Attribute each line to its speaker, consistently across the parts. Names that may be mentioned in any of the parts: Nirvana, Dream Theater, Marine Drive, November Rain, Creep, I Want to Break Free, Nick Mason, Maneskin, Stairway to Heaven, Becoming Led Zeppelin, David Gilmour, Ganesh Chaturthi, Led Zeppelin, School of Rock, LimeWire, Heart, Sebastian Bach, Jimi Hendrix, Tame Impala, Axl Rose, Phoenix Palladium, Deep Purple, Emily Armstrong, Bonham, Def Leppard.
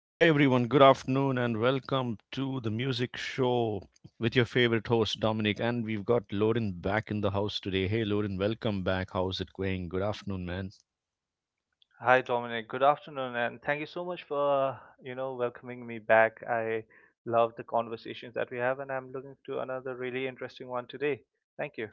Speaker 1: Hi, everyone. Good afternoon, and welcome to the music show with your favorite host, Dominic. And we've got Lorin back in the house today. Hey, Lorin, welcome back. How's it going? Good afternoon, man.
Speaker 2: Hi, Dominic. Good afternoon, and thank you so much for, welcoming me back. I love the conversations that we have, and I'm looking to another really interesting one today. Thank you.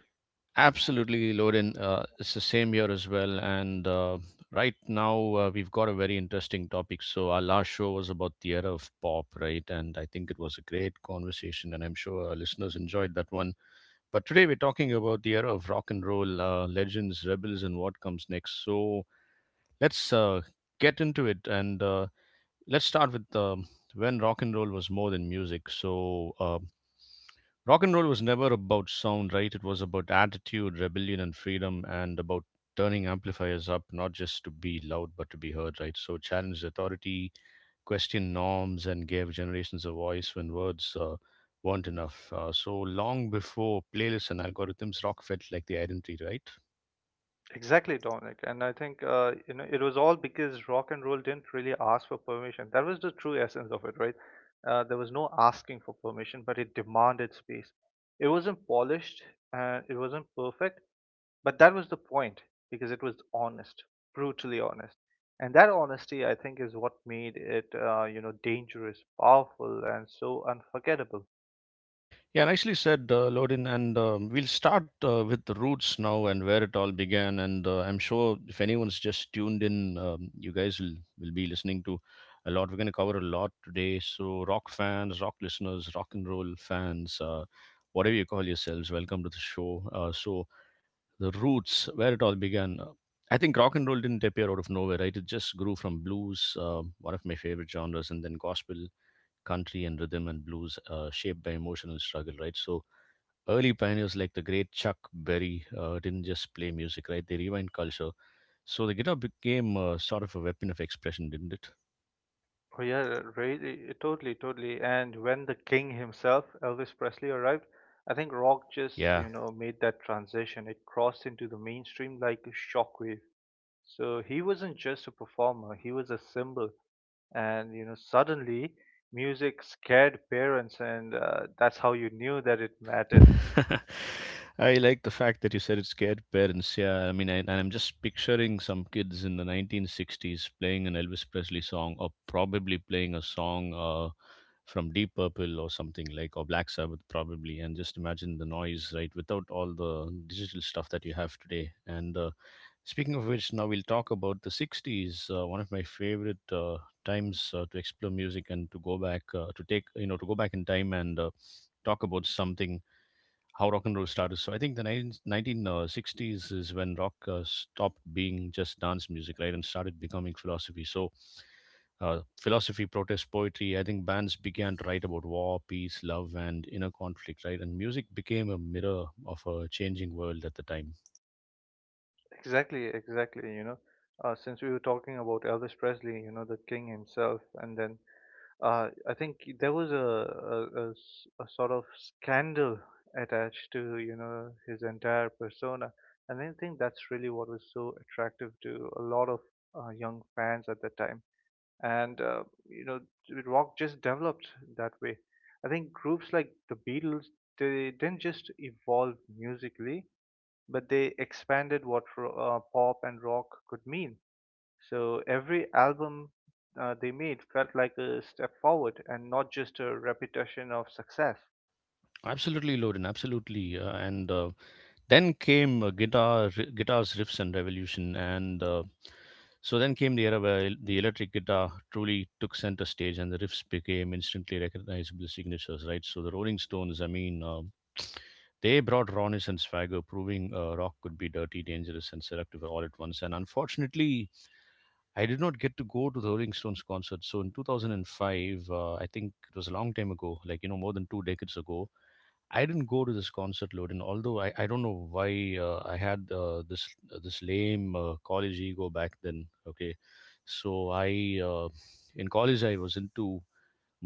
Speaker 1: Absolutely, Lorin. It's the same here as well. And right now, we've got a very interesting topic. So our last show was about the era of pop, right? And I think it was a great conversation, and I'm sure our listeners enjoyed that one. But today we're talking about the era of rock and roll, legends, rebels, and what comes next. So let's get into it, and let's start with when rock and roll was more than music. Rock and roll was never about sound, right? It was about attitude, rebellion, and freedom, and about turning amplifiers up, not just to be loud, but to be heard, right? So it challenged authority, questioned norms, and gave generations a voice when words weren't enough. So long before playlists and algorithms, rock felt like the identity, right?
Speaker 2: Exactly, Dominic. And I think, it was all because rock and roll didn't really ask for permission. That was the true essence of it, right? There was no asking for permission, but it demanded space. It wasn't polished, it wasn't perfect, but that was the point because it was honest, brutally honest. And that honesty, I think, is what made it, dangerous, powerful, and so unforgettable.
Speaker 1: Yeah, nicely said, Lodin. And we'll start with the roots now, and where it all began. And I'm sure if anyone's just tuned in, you guys will be listening to a lot. We're going to cover a lot today. So rock fans, rock listeners, rock and roll fans, whatever you call yourselves, welcome to the show. So the roots, where it all began. I think rock and roll didn't appear out of nowhere, right? It just grew from blues, one of my favorite genres, and then gospel, country, and rhythm and blues, shaped by emotional struggle, right? So early pioneers like the great Chuck Berry didn't just play music, right? They rewind culture. So the guitar became sort of a weapon of expression, didn't it?
Speaker 2: Oh, yeah, really, totally, totally. And when the king himself, Elvis Presley, arrived, I think rock just,
Speaker 1: Yeah.
Speaker 2: you know, made that transition. It crossed into the mainstream like a shockwave. So he wasn't just a performer, he was a symbol. And you know suddenly music scared parents, and that's how you knew that it mattered.
Speaker 1: I like the fact that you said it scared parents. Yeah, I mean, and I'm just picturing some kids in the 1960s playing an Elvis Presley song, or probably playing a song from Deep Purple or something like, or Black Sabbath, probably. And just imagine the noise, right? Without all the digital stuff that you have today. And speaking of which, now we'll talk about the 60s. One of my favorite times to explore music and to go back, to take, you know, to go back in time and talk about something how rock and roll started. So I think the 1960s is when rock stopped being just dance music, right, and started becoming philosophy. So philosophy, protest, poetry. I think bands began to write about war, peace, love, and inner conflict, right? And music became a mirror of a changing world at the time.
Speaker 2: Exactly, exactly, you know, since we were talking about Elvis Presley, you know, the king himself. And then, I think there was a sort of scandal attached to, you know, his entire persona. And I think that's really what was so attractive to a lot of young fans at the time. And you know rock just developed that way. I think groups like the Beatles, they didn't just evolve musically, but they expanded what pop and rock could mean. So every album they made felt like a step forward, and not just a repetition of success.
Speaker 1: Absolutely, Loden. Absolutely, and then came guitars, riffs, and revolution, and so then came the era where the electric guitar truly took center stage, and the riffs became instantly recognizable signatures. Right, so the Rolling Stones, I mean, they brought rawness and swagger, proving rock could be dirty, dangerous, and seductive all at once. And unfortunately, I did not get to go to the Rolling Stones concert. So in 2005, I think it was a long time ago, like, you know, more than two decades ago. I didn't go to this concert, Loden. Although I don't know why I had this this lame college ego back then. Okay, so I in college I was into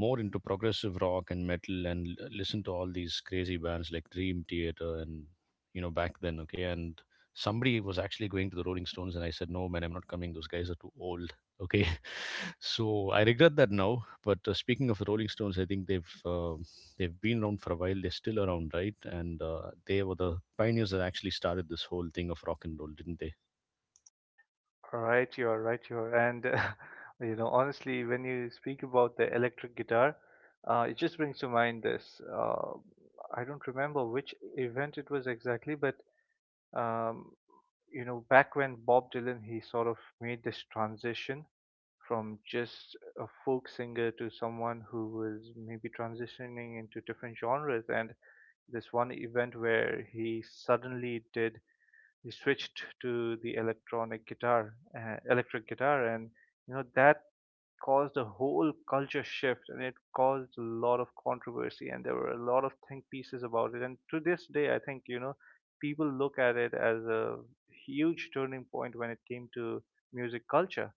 Speaker 1: more into progressive rock and metal, and listen to all these crazy bands like Dream Theater, and you know, back then, okay. And somebody was actually going to the Rolling Stones, and I said, no, man, I'm not coming, those guys are too old, okay. So I regret that now. But speaking of the Rolling Stones, I think they've been around for a while, they're still around, right? And they were the pioneers that actually started this whole thing of rock and roll, didn't they?
Speaker 2: Right, you are right, you are. And you know, honestly, when you speak about the electric guitar, it just brings to mind this. I don't remember which event it was exactly, but um, you know, back when Bob Dylan he sort of made this transition from just a folk singer to someone who was maybe transitioning into different genres, and this one event where he suddenly did he switched to the electronic guitar, electric guitar, and you know that caused a whole culture shift, and it caused a lot of controversy, and there were a lot of think pieces about it. And to this day, I think you know people look at it as a huge turning point when it came to music culture.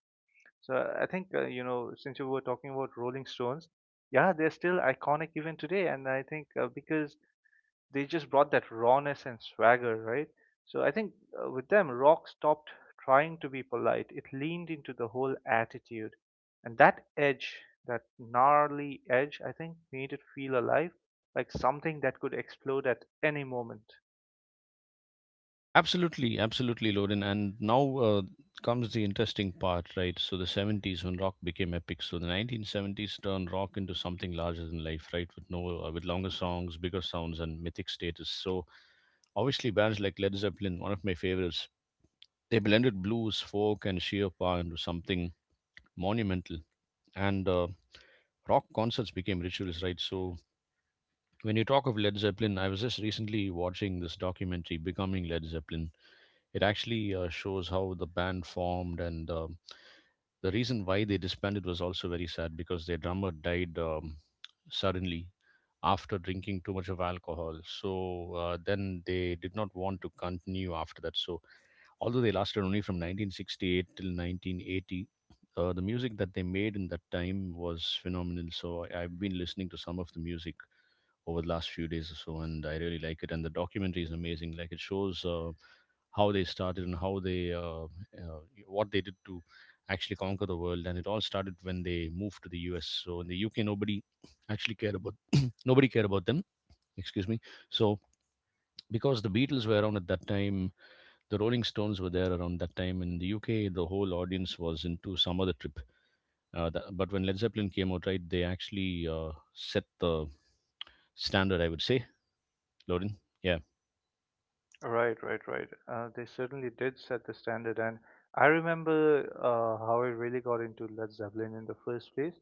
Speaker 2: So I think since you were talking about Rolling Stones, yeah, they're still iconic even today, and I think because they just brought that rawness and swagger, right? So I think with them, rock stopped trying to be polite. It leaned into the whole attitude. And that edge, that gnarly edge, I think made it feel alive, like something that could explode at any moment.
Speaker 1: Absolutely, absolutely, Loden. And now comes the interesting part, right? So the 70s, when rock became epic. So the 1970s turned rock into something larger than life, right? With no, with longer songs, bigger sounds, and mythic status. So obviously, bands like Led Zeppelin, one of my favorites, they blended blues, folk, and sheer power into something monumental. And rock concerts became rituals, right? So when you talk of Led Zeppelin, I was just recently watching this documentary, Becoming Led Zeppelin. It actually shows how the band formed, and the reason why they disbanded was also very sad, because their drummer died suddenly after drinking too much of alcohol. So then they did not want to continue after that. So although they lasted only from 1968 till 1980, the music that they made in that time was phenomenal. So I've been listening to some of the music over the last few days or so, and I really like it. And the documentary is amazing. Like it shows. How they started, and how they uh, what they did to actually conquer the world. And it all started when they moved to the US. So in the UK, nobody actually cared about, nobody cared about them. Excuse me. So because the Beatles were around at that time, the Rolling Stones were there around that time, in the UK the whole audience was into some other trip, but when Led Zeppelin came out, right, they actually set the standard, I would say, Lauren. Yeah.
Speaker 2: Right, right, right. They certainly did set the standard, and I remember how I really got into Led Zeppelin in the first place,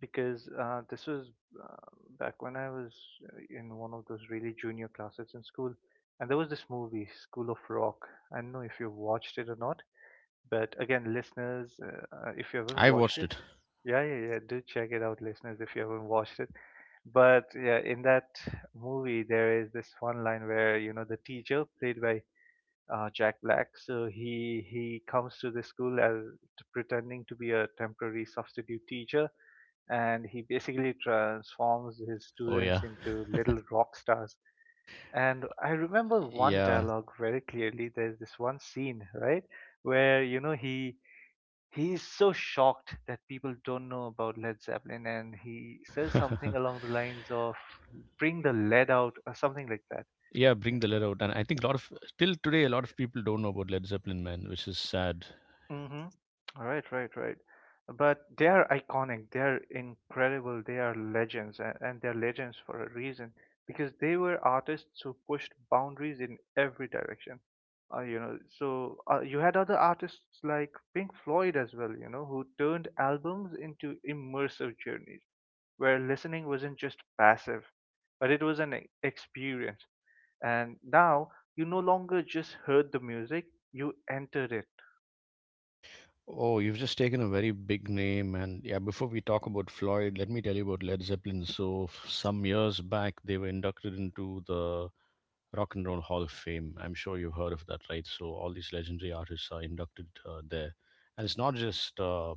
Speaker 2: because this was uh, back when I was in one of those really junior classes in school, and there was this movie, School of Rock. I don't know if you've watched it or not, but again, listeners, if you haven't
Speaker 1: I
Speaker 2: watched
Speaker 1: watched
Speaker 2: it,
Speaker 1: it.
Speaker 2: yeah, yeah, yeah, do check it out, listeners, if you haven't watched it. But yeah, in that movie, there is this one line where you know the teacher, played by Jack Black, so he comes to the school as pretending to be a temporary substitute teacher, and he basically transforms his
Speaker 1: Oh
Speaker 2: students
Speaker 1: yeah.
Speaker 2: into little rock stars. And I remember one
Speaker 1: Yeah.
Speaker 2: dialogue very clearly. There's this one scene, right, where you know he's so shocked that people don't know about Led Zeppelin, and he says something along the lines of "Bring the lead out," or something like that.
Speaker 1: Yeah, bring the letter out. And I think a lot of, till today, a lot of people don't know about Led Zeppelin, man, which is sad.
Speaker 2: Mm-hmm. Right, right, right. But they are iconic, they are incredible, they are legends, and they're legends for a reason, because they were artists who pushed boundaries in every direction. So you had other artists like Pink Floyd as well, you know, who turned albums into immersive journeys where listening wasn't just passive, but it was an experience. And now you no longer just heard the music, you entered it.
Speaker 1: Oh, you've just taken a very big name. And yeah, before we talk about Floyd, let me tell you about Led Zeppelin. So some years back they were inducted into the Rock and Roll Hall of Fame. I'm sure you've heard of that, right? So all these legendary artists are inducted there. And it's not just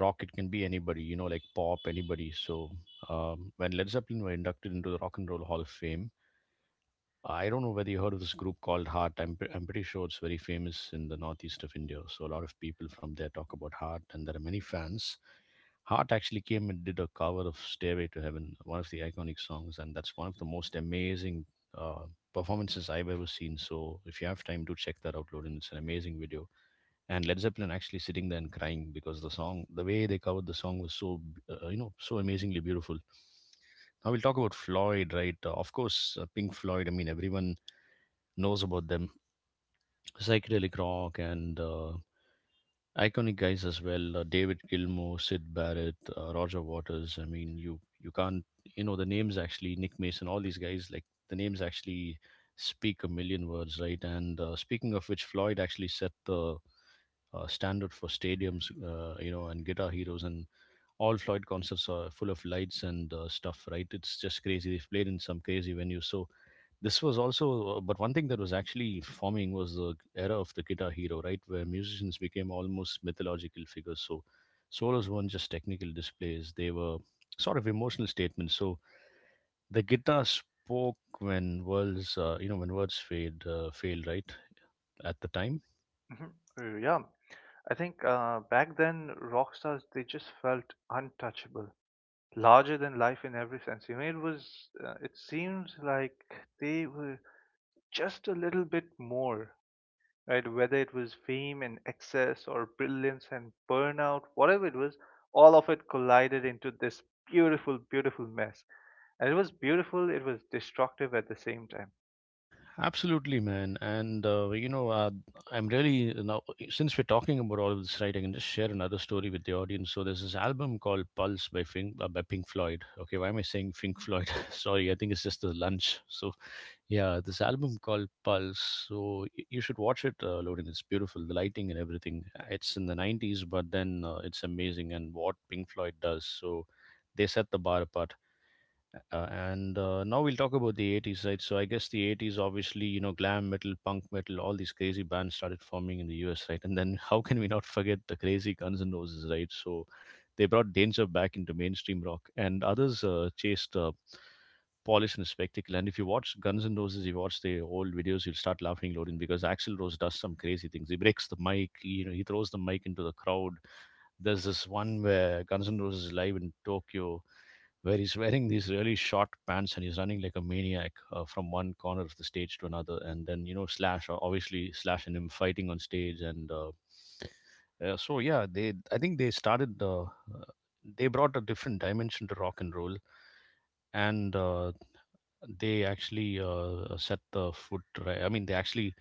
Speaker 1: rock, it can be anybody, you know, like pop, anybody. So when Led Zeppelin were inducted into the Rock and Roll Hall of Fame, I don't know whether you heard of this group called Heart. I'm pretty sure it's very famous in the northeast of India. So a lot of people from there talk about Heart, and there are many fans. Heart actually came and did a cover of Stairway to Heaven, one of the iconic songs, and that's one of the most amazing uh, performances I've ever seen. So if you have time, do check that out, Lorin. It's an amazing video. And Led Zeppelin actually sitting there and crying, because the song, the way they covered the song was so, you know, so amazingly beautiful. Now we'll talk about Floyd, right? Of course, Pink Floyd. I mean, everyone knows about them. Psychedelic rock, and iconic guys as well. David Gilmour, Sid Barrett, Roger Waters. I mean, you can't, you know, the names, actually Nick Mason. All these guys, like, the names actually speak a million words, right? And speaking of which, Floyd actually set the standard for stadiums, you know, and guitar heroes. And all Floyd concerts are full of lights and stuff, right? It's just crazy. They've played in some crazy venues. So this was also but one thing that was actually forming was the era of the guitar hero, right, where musicians became almost mythological figures. So solos weren't just technical displays, they were sort of emotional statements. So the guitar spoke when words you know, when words fade uh, fail, right, at the time.
Speaker 2: Mhm. Yeah. I think back then rock stars they just felt untouchable, larger than life in every sense. You know, it was it seemed like they were just a little bit more, right? Whether it was fame and excess or brilliance and burnout, whatever it was, all of it collided into this beautiful, beautiful mess. And it was beautiful. It was destructive at the same time.
Speaker 1: Absolutely, man. And you know, I'm really now, since we're talking about all of this, right, I can just share another story with the audience. So there's this album called Pulse by Pink Floyd. Okay, why am I saying Pink Floyd? Sorry, I think it's just the lunch. So yeah, this album called Pulse. So you should watch it, Lorin. It's beautiful, the lighting and everything. It's in the 90s, but then it's amazing, and what Pink Floyd does. So they set the bar apart. And now we'll talk about the 80s, right? So I guess the 80s, obviously, you know, glam metal, punk metal, all these crazy bands started forming in the US, right? And then how can we not forget the crazy Guns N' Roses, right? So they brought danger back into mainstream rock, and others chased polish and spectacle. And if you watch Guns N' Roses, you watch the old videos, you'll start laughing, loading, because Axl Rose does some crazy things. He breaks the mic, you know, he throws the mic into the crowd. There's this one where Guns N' Roses is live in Tokyo where he's wearing these really short pants and he's running like a maniac from one corner of the stage to another. And then, you know, Slash, obviously, Slash and him fighting on stage. Yeah, they I think they started, they brought a different dimension to rock and roll. And they actually Set the foot right. I mean, they actually,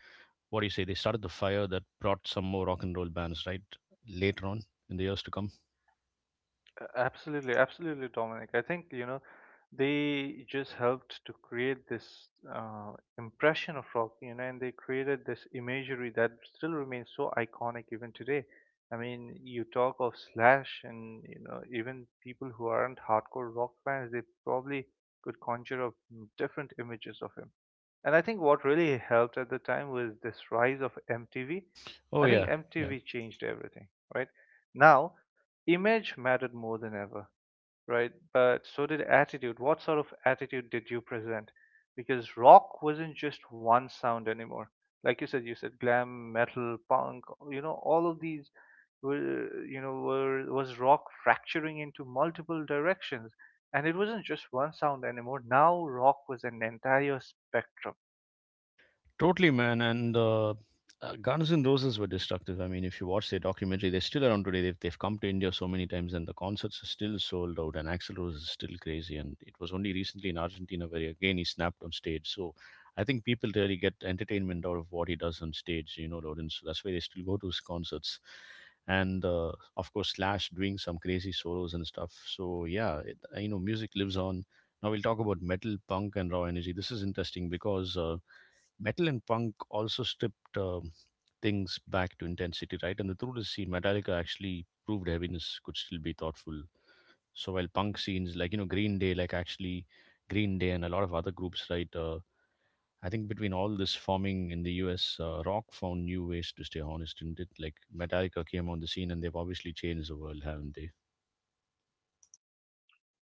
Speaker 1: what do you say, they started the fire that brought some more rock and roll bands, right? Later on in the years to come.
Speaker 2: Absolutely, absolutely, Dominic. I think, you know, they just helped to create this uh, impression of rock, you know, and they created this imagery that still remains so iconic even today. I mean, you talk of Slash, and, you know, even people who aren't hardcore rock fans, they probably could conjure up different images of him. And I think what really helped at the time was this rise of MTV.
Speaker 1: Oh,
Speaker 2: I
Speaker 1: yeah.
Speaker 2: think
Speaker 1: Yeah.
Speaker 2: MTV changed everything, right? Now, image mattered more than ever, right? But so did attitude. What sort of attitude did you present? Because rock wasn't just one sound anymore. Like you said glam, metal, punk, you know, all of these were, you know, were, was rock fracturing into multiple directions. And it wasn't just one sound anymore. Now rock was an entire spectrum.
Speaker 1: Totally, man. And Guns N' Roses were destructive. I mean, if you watch their documentary, they're still around today. They've come to India so many times, and the concerts are still sold out. And Axl Rose is still crazy. And it was only recently in Argentina where again he snapped on stage. So I think people really get entertainment out of what he does on stage. You know, Loden. So that's why they still go to his concerts. And Of course, Slash doing some crazy solos and stuff. So yeah, it, you know, music lives on. Now we'll talk about metal, punk, and raw energy. This is interesting because. Metal and punk also stripped things back to intensity, right? And the truth is, see, Metallica actually proved heaviness could still be thoughtful. So while punk scenes, like, you know, Green Day, like, actually Green Day and a lot of other groups, right? I think between all this forming in the U.S., rock found new ways to stay honest, didn't it? Like Metallica came on the scene, and they've obviously changed the world, haven't they?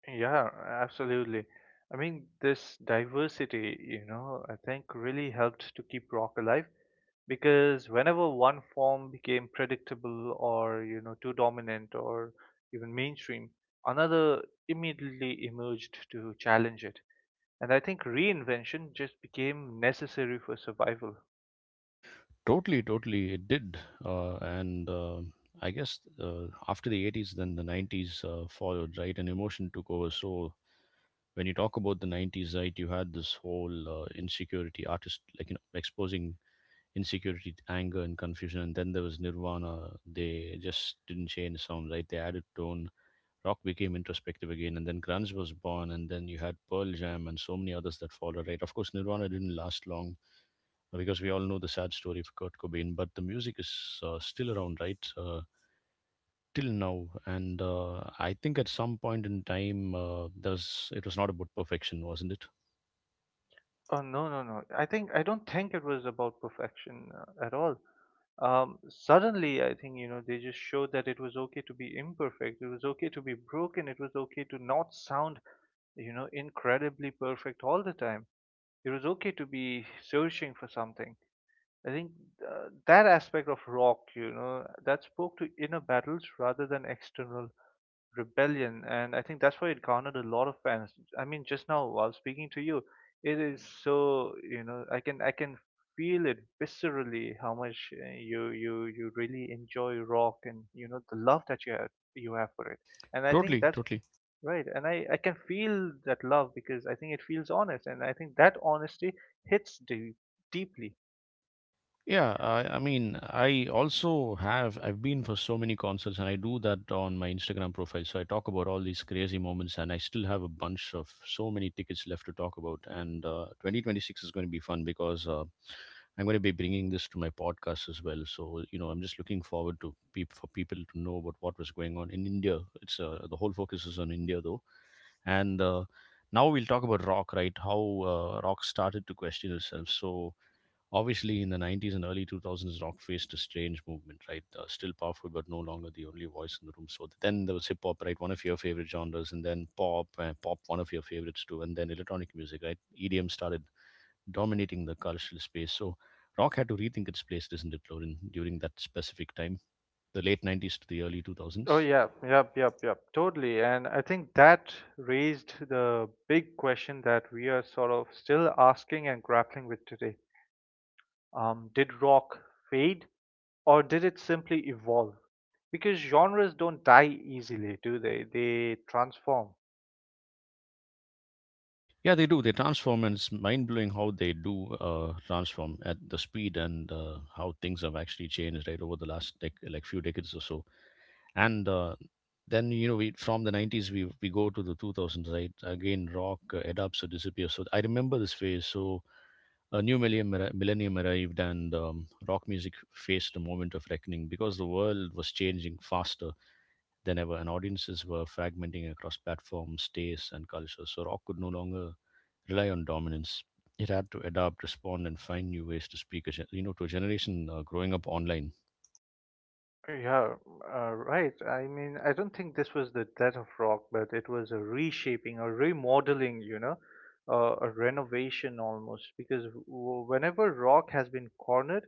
Speaker 2: Yeah, absolutely. I mean, this diversity, you know, I think really helped to keep rock alive, because whenever one form became predictable or, you know, too dominant or even mainstream, another immediately emerged to challenge it. And I think reinvention just became necessary for survival.
Speaker 1: Totally, totally, it did. And I guess after the 80s, then the 90s followed, right? And emotion took over. So when you talk about the 90s, right, you had this whole insecurity artist, like, you know, exposing insecurity, anger, and confusion. And then there was Nirvana. They just didn't change sound, right, they added tone. Rock became introspective again, and then grunge was born, and then you had Pearl Jam and so many others that followed, right? Of course, Nirvana didn't last long, because we all know the sad story of Kurt Cobain, but the music is still around, right, till now. And I think at some point in time there was, it was not about perfection, wasn't it?
Speaker 2: Oh no, no, no! I think I don't think it was about perfection at all. Suddenly, I think you know they just showed that it was okay to be imperfect. It was okay to be broken. It was okay to not sound, you know, incredibly perfect all the time. It was okay to be searching for something. I think that aspect of rock, you know, that spoke to inner battles rather than external rebellion, and I think that's why it garnered a lot of fans. I mean, just now while speaking to you, it is so you know I can feel it viscerally how much you really enjoy rock, and you know the love that you have for it. And I think
Speaker 1: Totally,
Speaker 2: that's
Speaker 1: totally.
Speaker 2: right. And I can feel that love because I think it feels honest, and I think that honesty hits deep, deeply.
Speaker 1: Yeah, I mean, I also have, I've been for so many concerts and I do that on my Instagram profile. So I talk about all these crazy moments and I still have a bunch of so many tickets left to talk about. And 2026 is going to be fun because I'm going to be bringing this to my podcast as well. So, you know, I'm just looking forward to people to know about what was going on in India. It's the whole focus is on India though. And Now we'll talk about rock, right? How rock started to question itself. So, obviously, in the 90s and early 2000s, rock faced a strange movement, right? Still powerful, but no longer the only voice in the room. So then there was hip hop, right? One of your favorite genres, and then pop, pop, one of your favorites too, and then electronic music, right? EDM started dominating the cultural space. So rock had to rethink its place, isn't it, Lauren, during that specific time, the late 90s to the early
Speaker 2: Oh
Speaker 1: 2000s?
Speaker 2: yeah, yep, yep, yep, totally. And I think that raised the big question that we are sort of still asking and grappling with today. Did rock fade, or did it simply evolve? Because genres don't die easily, do they? They transform.
Speaker 1: Yeah, they do. They transform, and it's mind blowing how they do transform at the speed and how things have actually changed, right, over the last like few decades or so. And then, you know, we from the 90s, we go to the 2000s, right? Again rock adapts or disappears. So I remember this phase. So a new millennium arrived, and rock music faced a moment of reckoning because the world was changing faster than ever and audiences were fragmenting across platforms, tastes, and cultures. So rock could no longer rely on dominance. It had to adapt, respond, and find new ways to speak you know, to a generation growing up online.
Speaker 2: Yeah, right. I mean, I don't think this was the death of rock, but it was a reshaping, a remodeling, you know, a renovation almost. Because whenever rock has been cornered,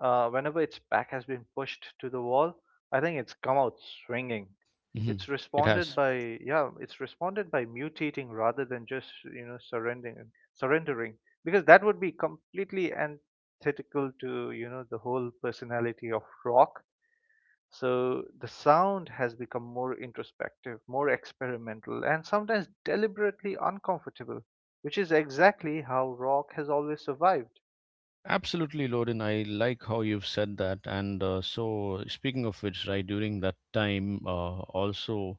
Speaker 2: Whenever its back has been pushed to the wall, I think it's come out swinging.
Speaker 1: Hmm.
Speaker 2: It's
Speaker 1: It
Speaker 2: responded. Yeah.
Speaker 1: has.
Speaker 2: By yeah, it's responded by mutating rather than just you know surrendering because that would be completely antithetical to you know the whole personality of rock. So the sound has become more introspective, more experimental, and sometimes deliberately uncomfortable, which is exactly how rock has always survived.
Speaker 1: Absolutely, Loden. I like how you've said that. And So, speaking of which, right, during that time, also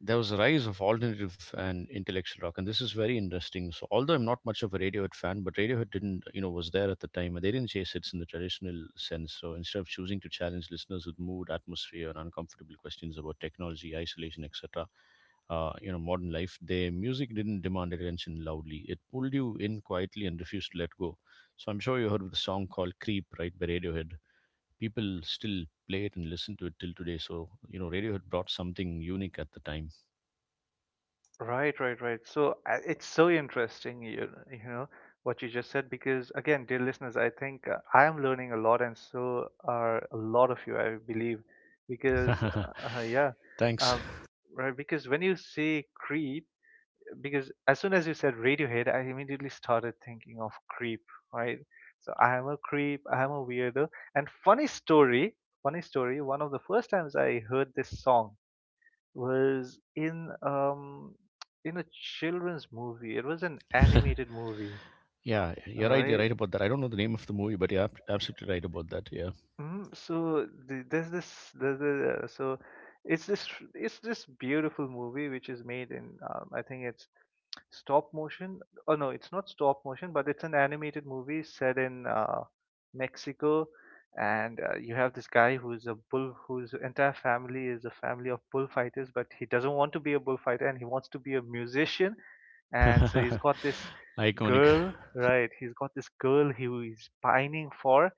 Speaker 1: there was a rise of alternative and intellectual rock, and this is very interesting. So although I'm not much of a Radiohead fan, but Radiohead didn't, you know, was there at the time, and they didn't chase hits in the traditional sense. So instead of choosing to challenge listeners with mood, atmosphere, and uncomfortable questions about technology, isolation, etc., you know, modern life, their music didn't demand attention loudly, it pulled you in quietly and refused to let go. So I'm sure you heard of the song called "Creep", right, by Radiohead. People still play it and listen to it till today. So, you know, Radiohead brought something unique at the time.
Speaker 2: Right, right, right. So it's so interesting, you know, what you just said, because again, dear listeners, I think I am learning a lot, and so are a lot of you, I believe, because uh, uh, yeah,
Speaker 1: Thanks.
Speaker 2: um, right, because when you say Creep, because as soon as you said Radiohead, I immediately started thinking of Creep, right? So I am a creep, I am a weirdo, and funny story, funny story. One of the first times I heard this song was in a children's movie. It was an animated movie,
Speaker 1: Yeah, you're right. You're
Speaker 2: right?
Speaker 1: right about that. I don't know the name of the movie, but you're absolutely right about that. Yeah.
Speaker 2: Mm, so the, there's this there's a, so it's this it's this beautiful movie which is made in I think it's stop motion? Oh no, it's not stop motion, but it's an animated movie set in Mexico, and you have this guy who's a bull, whose entire family is a family of bullfighters, but he doesn't want to be a bullfighter and he wants to be a musician, and so he's got this
Speaker 1: Iconic.
Speaker 2: girl, right? He's got this girl he is pining for,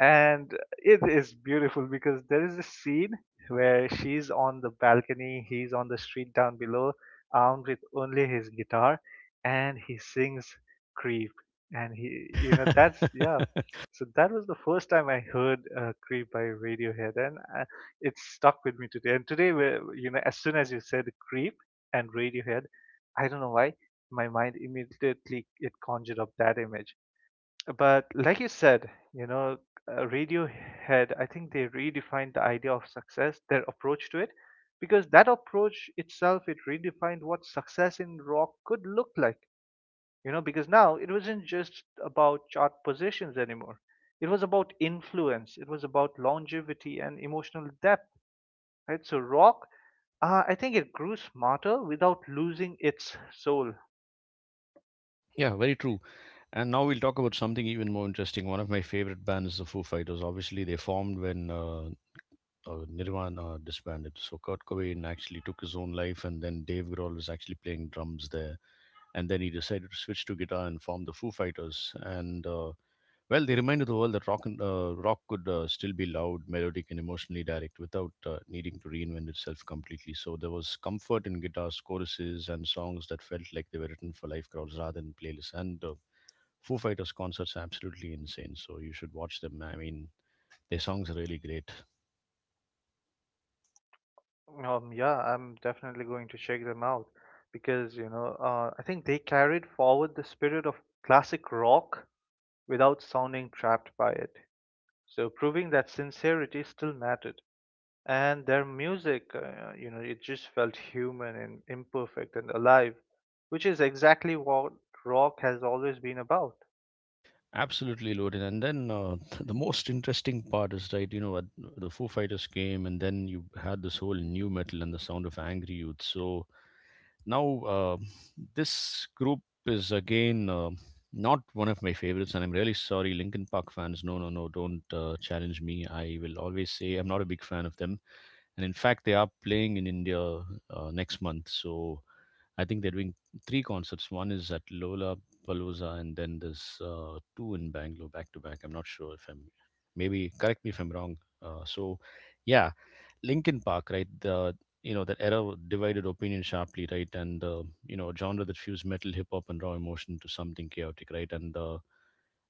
Speaker 2: and it is beautiful because there is a scene where she's on the balcony, he's on the street down below, armed with only his guitar, and he sings "Creep." And he, you know, that's yeah. So that was the first time I heard "Creep" by Radiohead, and it stuck with me today. And today, you know, as soon as you said "Creep" and Radiohead, I don't know why, my mind immediately it conjured up that image. But like you said, you know, Radiohead, I think they redefined the idea of success, their approach to it, because that approach itself, it redefined what success in rock could look like. You know, because now it wasn't just about chart positions anymore. It was about influence. It was about longevity and emotional depth, right? So rock, I think it grew smarter without losing its soul.
Speaker 1: Yeah, very true. And now we'll talk about something even more interesting. One of my favorite bands is the Foo Fighters. Obviously, they formed when Nirvana disbanded. So Kurt Cobain actually took his own life, and then Dave Grohl was actually playing drums there. And then he decided to switch to guitar and form the Foo Fighters. And Well, they reminded the world that rock could still be loud, melodic, and emotionally direct without needing to reinvent itself completely. So there was comfort in guitars, choruses, and songs that felt like they were written for live crowds rather than playlists. And Foo Fighters concerts are absolutely insane. So you should watch them. I mean, their songs are really great.
Speaker 2: Yeah, I'm definitely going to check them out because, you know, I think they carried forward the spirit of classic rock without sounding trapped by it. So proving that sincerity still mattered. And their music, you know, it just felt human and imperfect and alive, which is exactly what rock has always been about.
Speaker 1: Absolutely loaded. And then the most interesting part is, right, you know, what the Foo Fighters came, and then you had this whole new metal and the sound of angry youth. So now, this group is again not one of my favorites, and I'm really sorry, Linkin Park fans. No, no, no, don't challenge me. I will always say I'm not a big fan of them. And in fact, they are playing in India next month. So I think they're doing three concerts. One is at Lola Palooza, and then there's two in Bangalore back to back. I'm not sure if I'm, maybe correct me if I'm wrong. So yeah, Linkin Park, right? The You know, that era divided opinion sharply, right? And You know, a genre that fused metal, hip hop, and raw emotion to something chaotic, right? And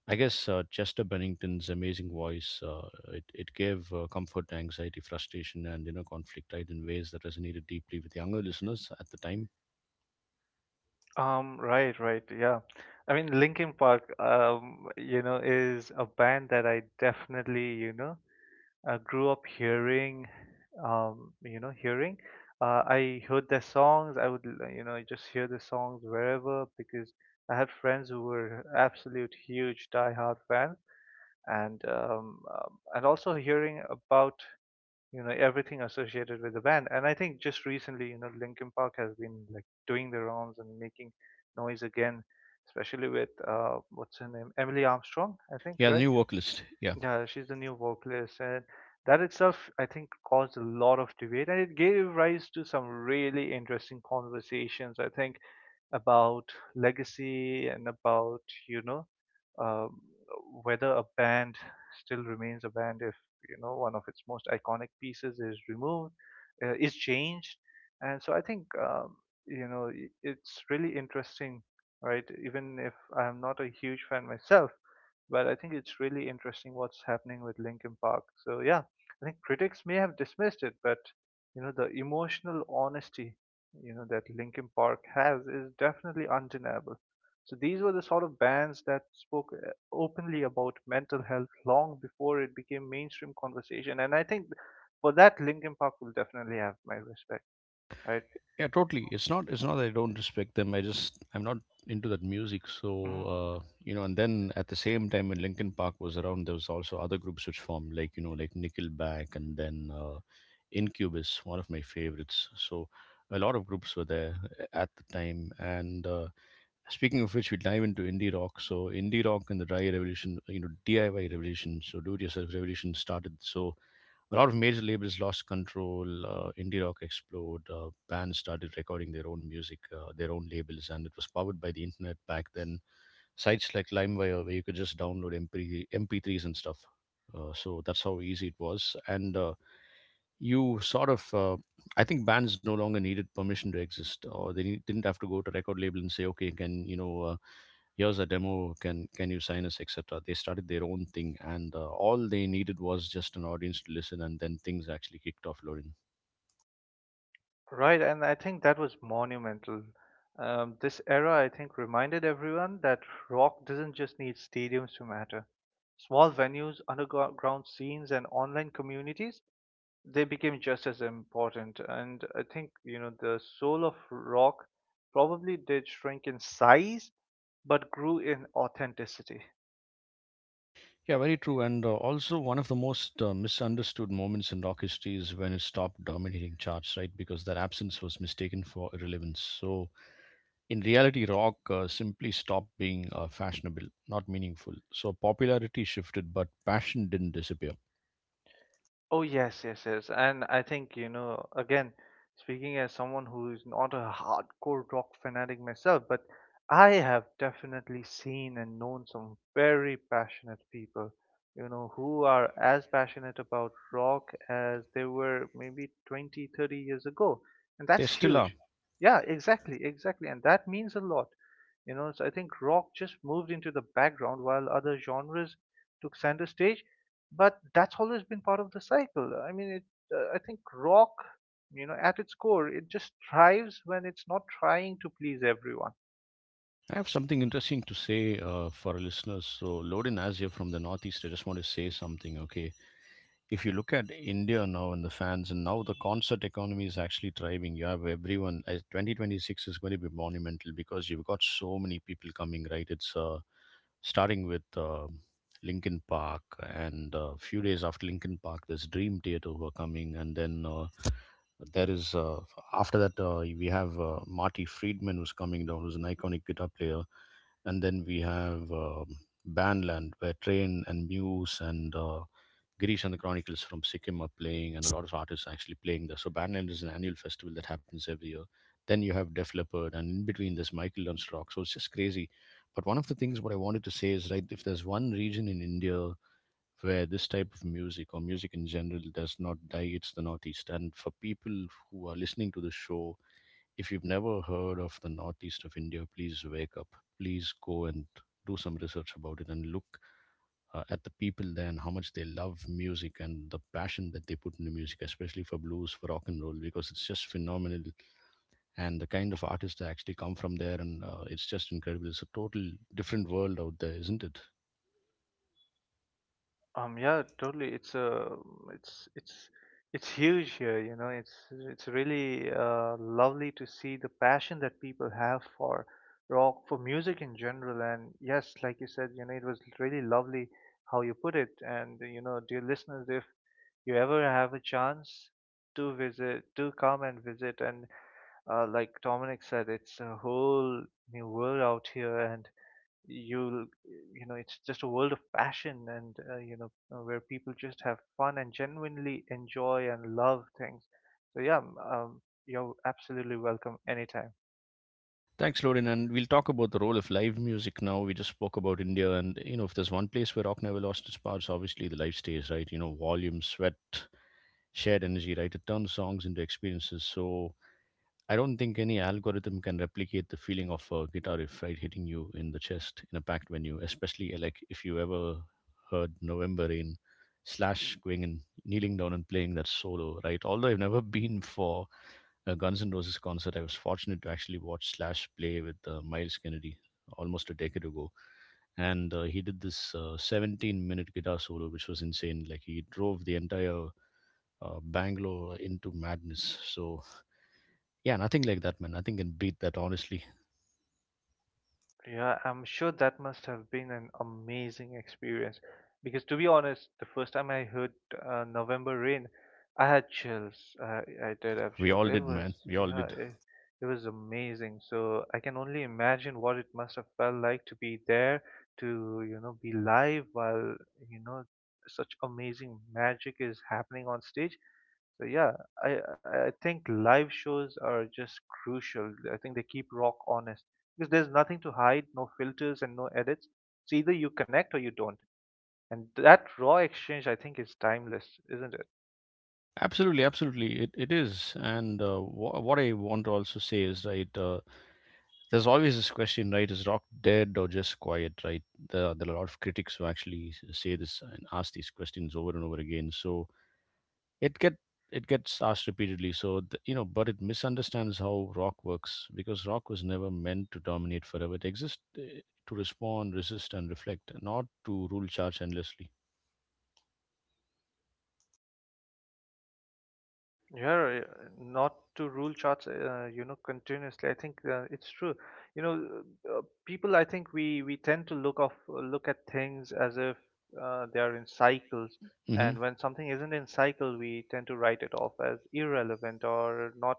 Speaker 1: I guess Chester Bennington's amazing voice it gave comfort to anxiety, frustration, and, you know, conflict, right, in ways that resonated deeply with younger listeners at the time.
Speaker 2: Right, right, yeah. I mean, Linkin Park, you know, is a band that I definitely, grew up hearing, um, you know, hearing. I heard their songs. I would, you know, just hear the songs wherever because I had friends who were absolute huge die-hard fans, and also hearing about you know everything associated with the band. And I think just recently, you know, Linkin Park has been like doing the rounds and making noise again, especially with what's her name, Emily Armstrong, I think,
Speaker 1: Yeah, the
Speaker 2: right?
Speaker 1: new vocalist. Yeah.
Speaker 2: Yeah, she's the new vocalist, and that itself, I think, caused a lot of debate, and it gave rise to some really interesting conversations. I think about legacy and about you know um, whether a band still remains a band if you know one of its most iconic pieces is removed is changed and so I think you know it's really interesting right even if I'm not a huge fan myself but I think it's really interesting what's happening with Linkin Park so yeah I think critics may have dismissed it but you know the emotional honesty you know that Linkin Park has is definitely undeniable. So these were the sort of bands that spoke openly about mental health long before it became mainstream conversation, and I think for that Linkin Park will definitely have my respect, right?
Speaker 1: Yeah, totally. It's not. It's not that I don't respect them. I just, I'm not into that music. So
Speaker 2: Mhm.
Speaker 1: you know, and then at the same time when Linkin Park was around, there was also other groups which formed, like, you know, like Nickelback, and then Incubus, one of my favorites. So a lot of groups were there at the time. And Speaking of which, we dive into indie rock. So indie rock and the dry revolution, you know, DIY revolution, so do-it-yourself revolution started. So a lot of major labels lost control. Indie rock exploded. Bands started recording their own music, their own labels, and it was powered by the internet back then. Sites like LimeWire, where you could just download MP MP3s and stuff. So that's how easy it was. And You sort of, I think bands no longer needed permission to exist, or they didn't have to go to record label and say, okay, can, you know. Here's a demo, can you sign us, etc. They started their own thing, and all they needed was just an audience to listen, and then things actually kicked off loading.
Speaker 2: Right, and I think that was monumental. This era, I think, reminded everyone that rock doesn't just need stadiums to matter. Small venues, underground scenes, and online communities they became just as important. And I think, you know, the soul of rock probably did shrink in size, but grew in authenticity.
Speaker 1: Yeah, very true. And also, one of the most misunderstood moments in rock history is when it stopped dominating charts, right? Because their absence was mistaken for irrelevance. So in reality, rock simply stopped being fashionable, not meaningful. So popularity shifted, but passion didn't disappear.
Speaker 2: Oh yes, yes, yes. And I think, you know, again, speaking as someone who is not a hardcore rock fanatic myself, but I have definitely seen and known some very passionate people, you know, who are as passionate about rock as they were maybe 20, 30 years ago. And
Speaker 1: They
Speaker 2: that's
Speaker 1: still are.
Speaker 2: huge. Yeah, exactly, exactly. And that means a lot. You know, so I think rock just moved into the background while other genres took center stage but that's always been part of the cycle. I mean, I think rock, you know, at its core, it just thrives when it's not trying to please everyone.
Speaker 1: I have something interesting to say for our listeners. So, Lodin, as you're from the Northeast, I just want to say something, okay? If you look at India now and the fans, and now the concert economy is actually thriving. You have everyone. 2026 is going to be monumental because you've got so many people coming, right? It's starting with Linkin Park, and a few days after Linkin Park, there's Dream Theater who are coming, and then there is after that we have Marty Friedman, who's coming down, who's an iconic guitar player, and then we have Bandland, where Train and Muse and Girish and the Chronicles from Sikkim are playing, and a lot of artists are actually playing there. So Bandland is an annual festival that happens every year. Then you have Def Leppard, and in between there's Michael Learns to Rock. So it's just crazy. But one of the things what I wanted to say is, right, if there's one region in India where this type of music or music in general does not die, it's the Northeast. And for people who are listening to the show, if you've never heard of the Northeast of India, please wake up, please go and do some research about it and look at the people there and how much they love music and the passion that they put into music, especially for blues, for rock and roll, because it's just phenomenal. And the kind of artists that actually come from there, and it's just incredible. It's a total different world out there, isn't it?
Speaker 2: Yeah, totally. It's, it's, it's huge here. It's really lovely to see the passion that people have for rock, for music in general. And yes, like you said, you know, it was really lovely how you put it. And you know, dear listeners, if you ever have a chance, do visit, do come and visit and like Dominic said, it's a whole new world out here, and you'll, you know, it's just a world of passion, and you know, where people just have fun and genuinely enjoy and love things. So yeah, you're absolutely welcome anytime.
Speaker 1: Thanks, Lorin. And we'll talk about the role of live music now. We just spoke about India, and you know, if there's one place where rock never lost its powers, obviously the live stage, right? You know, volume, sweat, shared energy, right? It turns songs into experiences. So I don't think any algorithm can replicate the feeling of a guitar riff, right, hitting you in the chest in a packed venue, especially like if you ever heard November Rain, slash going and kneeling down and playing that solo, right? Although I've never been for a Guns N' Roses concert, I was fortunate to actually watch Slash play with Miles Kennedy almost a decade ago. And he did this 17-minute guitar solo, which was insane. Like he drove the entire Bangalore into madness. So yeah, nothing like that, man. Nothing can beat that, honestly.
Speaker 2: Yeah, I'm sure that must have been an amazing experience because to be honest, the first time I heard November Rain, I had chills. I did have
Speaker 1: We
Speaker 2: chills.
Speaker 1: all
Speaker 2: It
Speaker 1: did,
Speaker 2: was
Speaker 1: man. We all
Speaker 2: Yeah,
Speaker 1: did.
Speaker 2: it was amazing. So I can only imagine what it must have felt like to be there, to you know, be live while you know such amazing magic is happening on stage. So yeah, I think live shows are just crucial. I think they keep rock honest because there's nothing to hide, no filters and no edits. So either you connect or you don't. And that raw exchange I think is timeless, isn't it?
Speaker 1: Absolutely, absolutely. It is. And what I want to also say is, right, there's always this question, right? Is rock dead or just quiet, right? There are a lot of critics who actually say this and ask these questions over and over again. So it get it gets asked repeatedly. So you know, but it misunderstands how rock works, because rock was never meant to dominate forever. It exists to respond, resist, and reflect, not to rule charge endlessly.
Speaker 2: Yeah, yeah, not to rule charts, you know, continuously. I think it's true. You know, uh, people. I think we tend to look at things as if they are in cycles,
Speaker 1: Hmm.
Speaker 2: and when something isn't in cycle, we tend to write it off as irrelevant or not,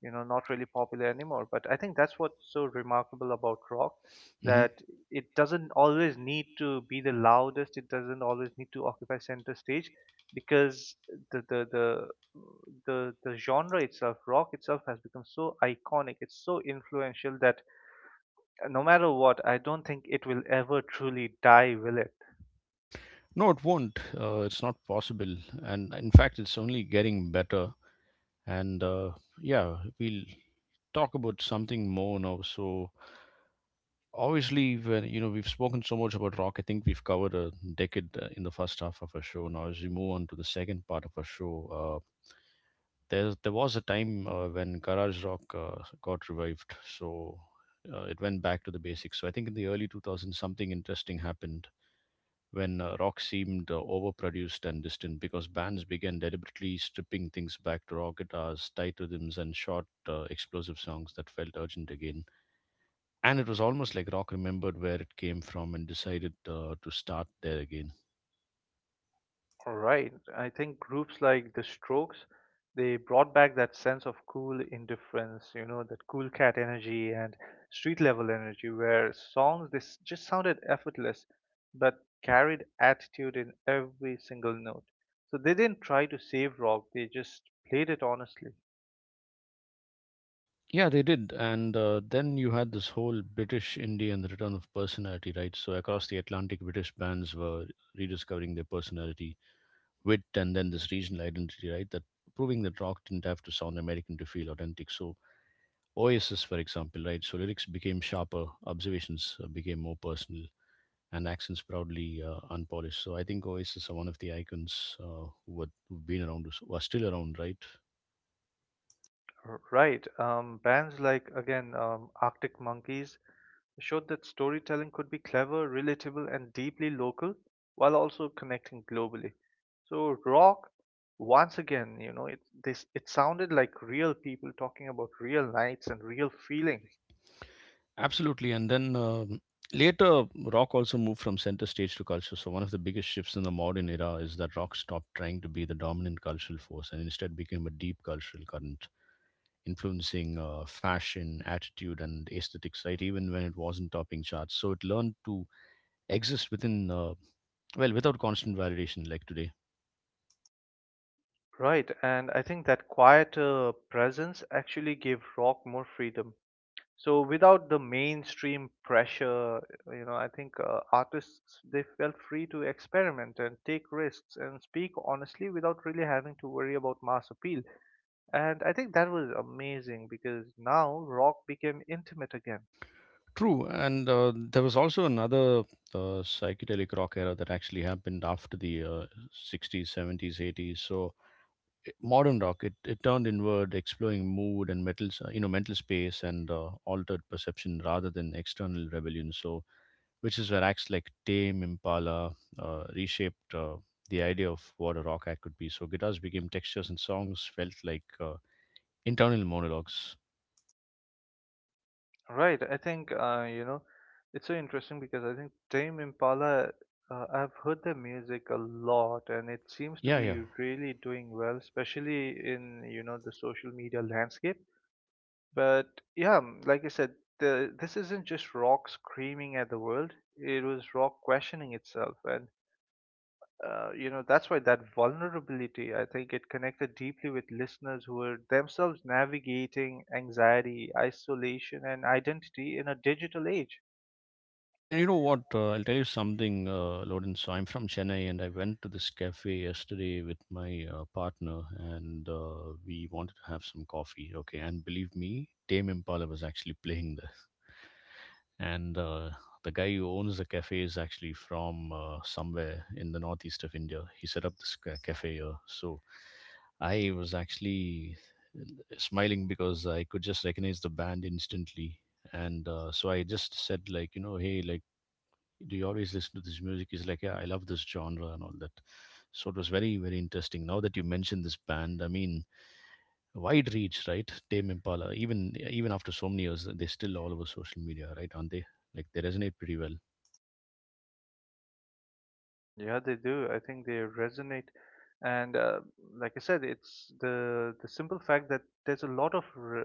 Speaker 2: you know, not really popular anymore. But I think that's what's so remarkable about rock
Speaker 1: Hmm.
Speaker 2: that it doesn't always need to be the loudest. It doesn't always need to occupy center stage because the the the the genre itself, rock itself, has become so iconic. It's so influential that no matter what, I don't think it will ever truly die, will it?
Speaker 1: No, it won't. It's not possible, and in fact, it's only getting better. And yeah, we'll talk about something more now. So obviously, when you know we've spoken so much about rock, I think we've covered a decade in the first half of our show. Now, as we move on to the second part of our show, there was a time when garage rock got revived. So it went back to the basics. So I think in the early 2000s, something interesting happened, when rock seemed overproduced and distant, because bands began deliberately stripping things back to raw guitars, tight rhythms, and short, explosive songs that felt urgent again. And it was almost like rock remembered where it came from and decided to start there again.
Speaker 2: All right. I think groups like the Strokes, they brought back that sense of cool indifference, you know, that cool cat energy and street level energy, where songs this just sounded effortless, but carried attitude in every single note. So they didn't try to save rock; they just played it honestly.
Speaker 1: Yeah, they did. And then you had this whole British indie and the return of personality, right? So across the Atlantic, British bands were rediscovering their personality, wit, and then this regional identity, right? That proving that rock didn't have to sound American to feel authentic. So Oasis, for example, right? So lyrics became sharper, observations became more personal, and accents proudly unpolished. So I think Oasis are one of the icons who have been around, who are still around, right?
Speaker 2: Right. Bands like, again, Arctic Monkeys showed that storytelling could be clever, relatable, and deeply local while also connecting globally. So, rock, once again, you know, it sounded like real people talking about real nights and real feelings.
Speaker 1: Absolutely. And then later, rock also moved from center stage to culture. So one of the biggest shifts in the modern era is that rock stopped trying to be the dominant cultural force and instead became a deep cultural current, influencing fashion, attitude, and aesthetics, right? Even when it wasn't topping charts. So it learned to exist within, well, without constant validation, like today.
Speaker 2: Right. And I think that quieter presence actually gave rock more freedom. So without the mainstream pressure you know I think artists they felt free to experiment and take risks and speak honestly without really having to worry about mass appeal and I think that was amazing because now rock became intimate again.
Speaker 1: True, and there was also another psychedelic rock era that actually happened after the 60s, 70s, 80s. So modern rock, it turned inward, exploring mood and metal, you know, mental space and altered perception rather than external rebellion. So which is where acts like Tame Impala reshaped the idea of what a rock act could be. So guitars became textures and songs felt like internal monologues.
Speaker 2: Right I think you know it's so interesting because I think Tame Impala I've heard their music a lot and it seems to
Speaker 1: Yeah,
Speaker 2: be
Speaker 1: yeah.
Speaker 2: really doing well especially in you know the social media landscape. But yeah, like I said, this isn't just rock screaming at the world. It was rock questioning itself, and you know that's why that vulnerability. I think it connected deeply with listeners who were themselves navigating anxiety, isolation, and identity in a digital age.
Speaker 1: Yeah, and you know what? I'll tell you something, Lawrence. I'm from Chennai, and I went to this cafe yesterday with my partner, and we wanted to have some coffee. Okay, and believe me, Tame Impala was actually playing there, and the guy who owns the cafe is actually from somewhere in the northeast of India. He set up this cafe here, so I was actually uh, smiling because I could just recognize the band instantly. And so I just said, like, you know, hey, like, do you always listen to this music? He's like, yeah, I love this genre and all that. So it was very, very interesting. Now that you mentioned this band, I mean, wide reach, right? Tame Impala, even after so many years, they're still all over social media, right? Aren't they? Like they resonate pretty well.
Speaker 2: Mm, yeah, they do. I think they resonate, and like I said, it's the simple fact that there's a lot of re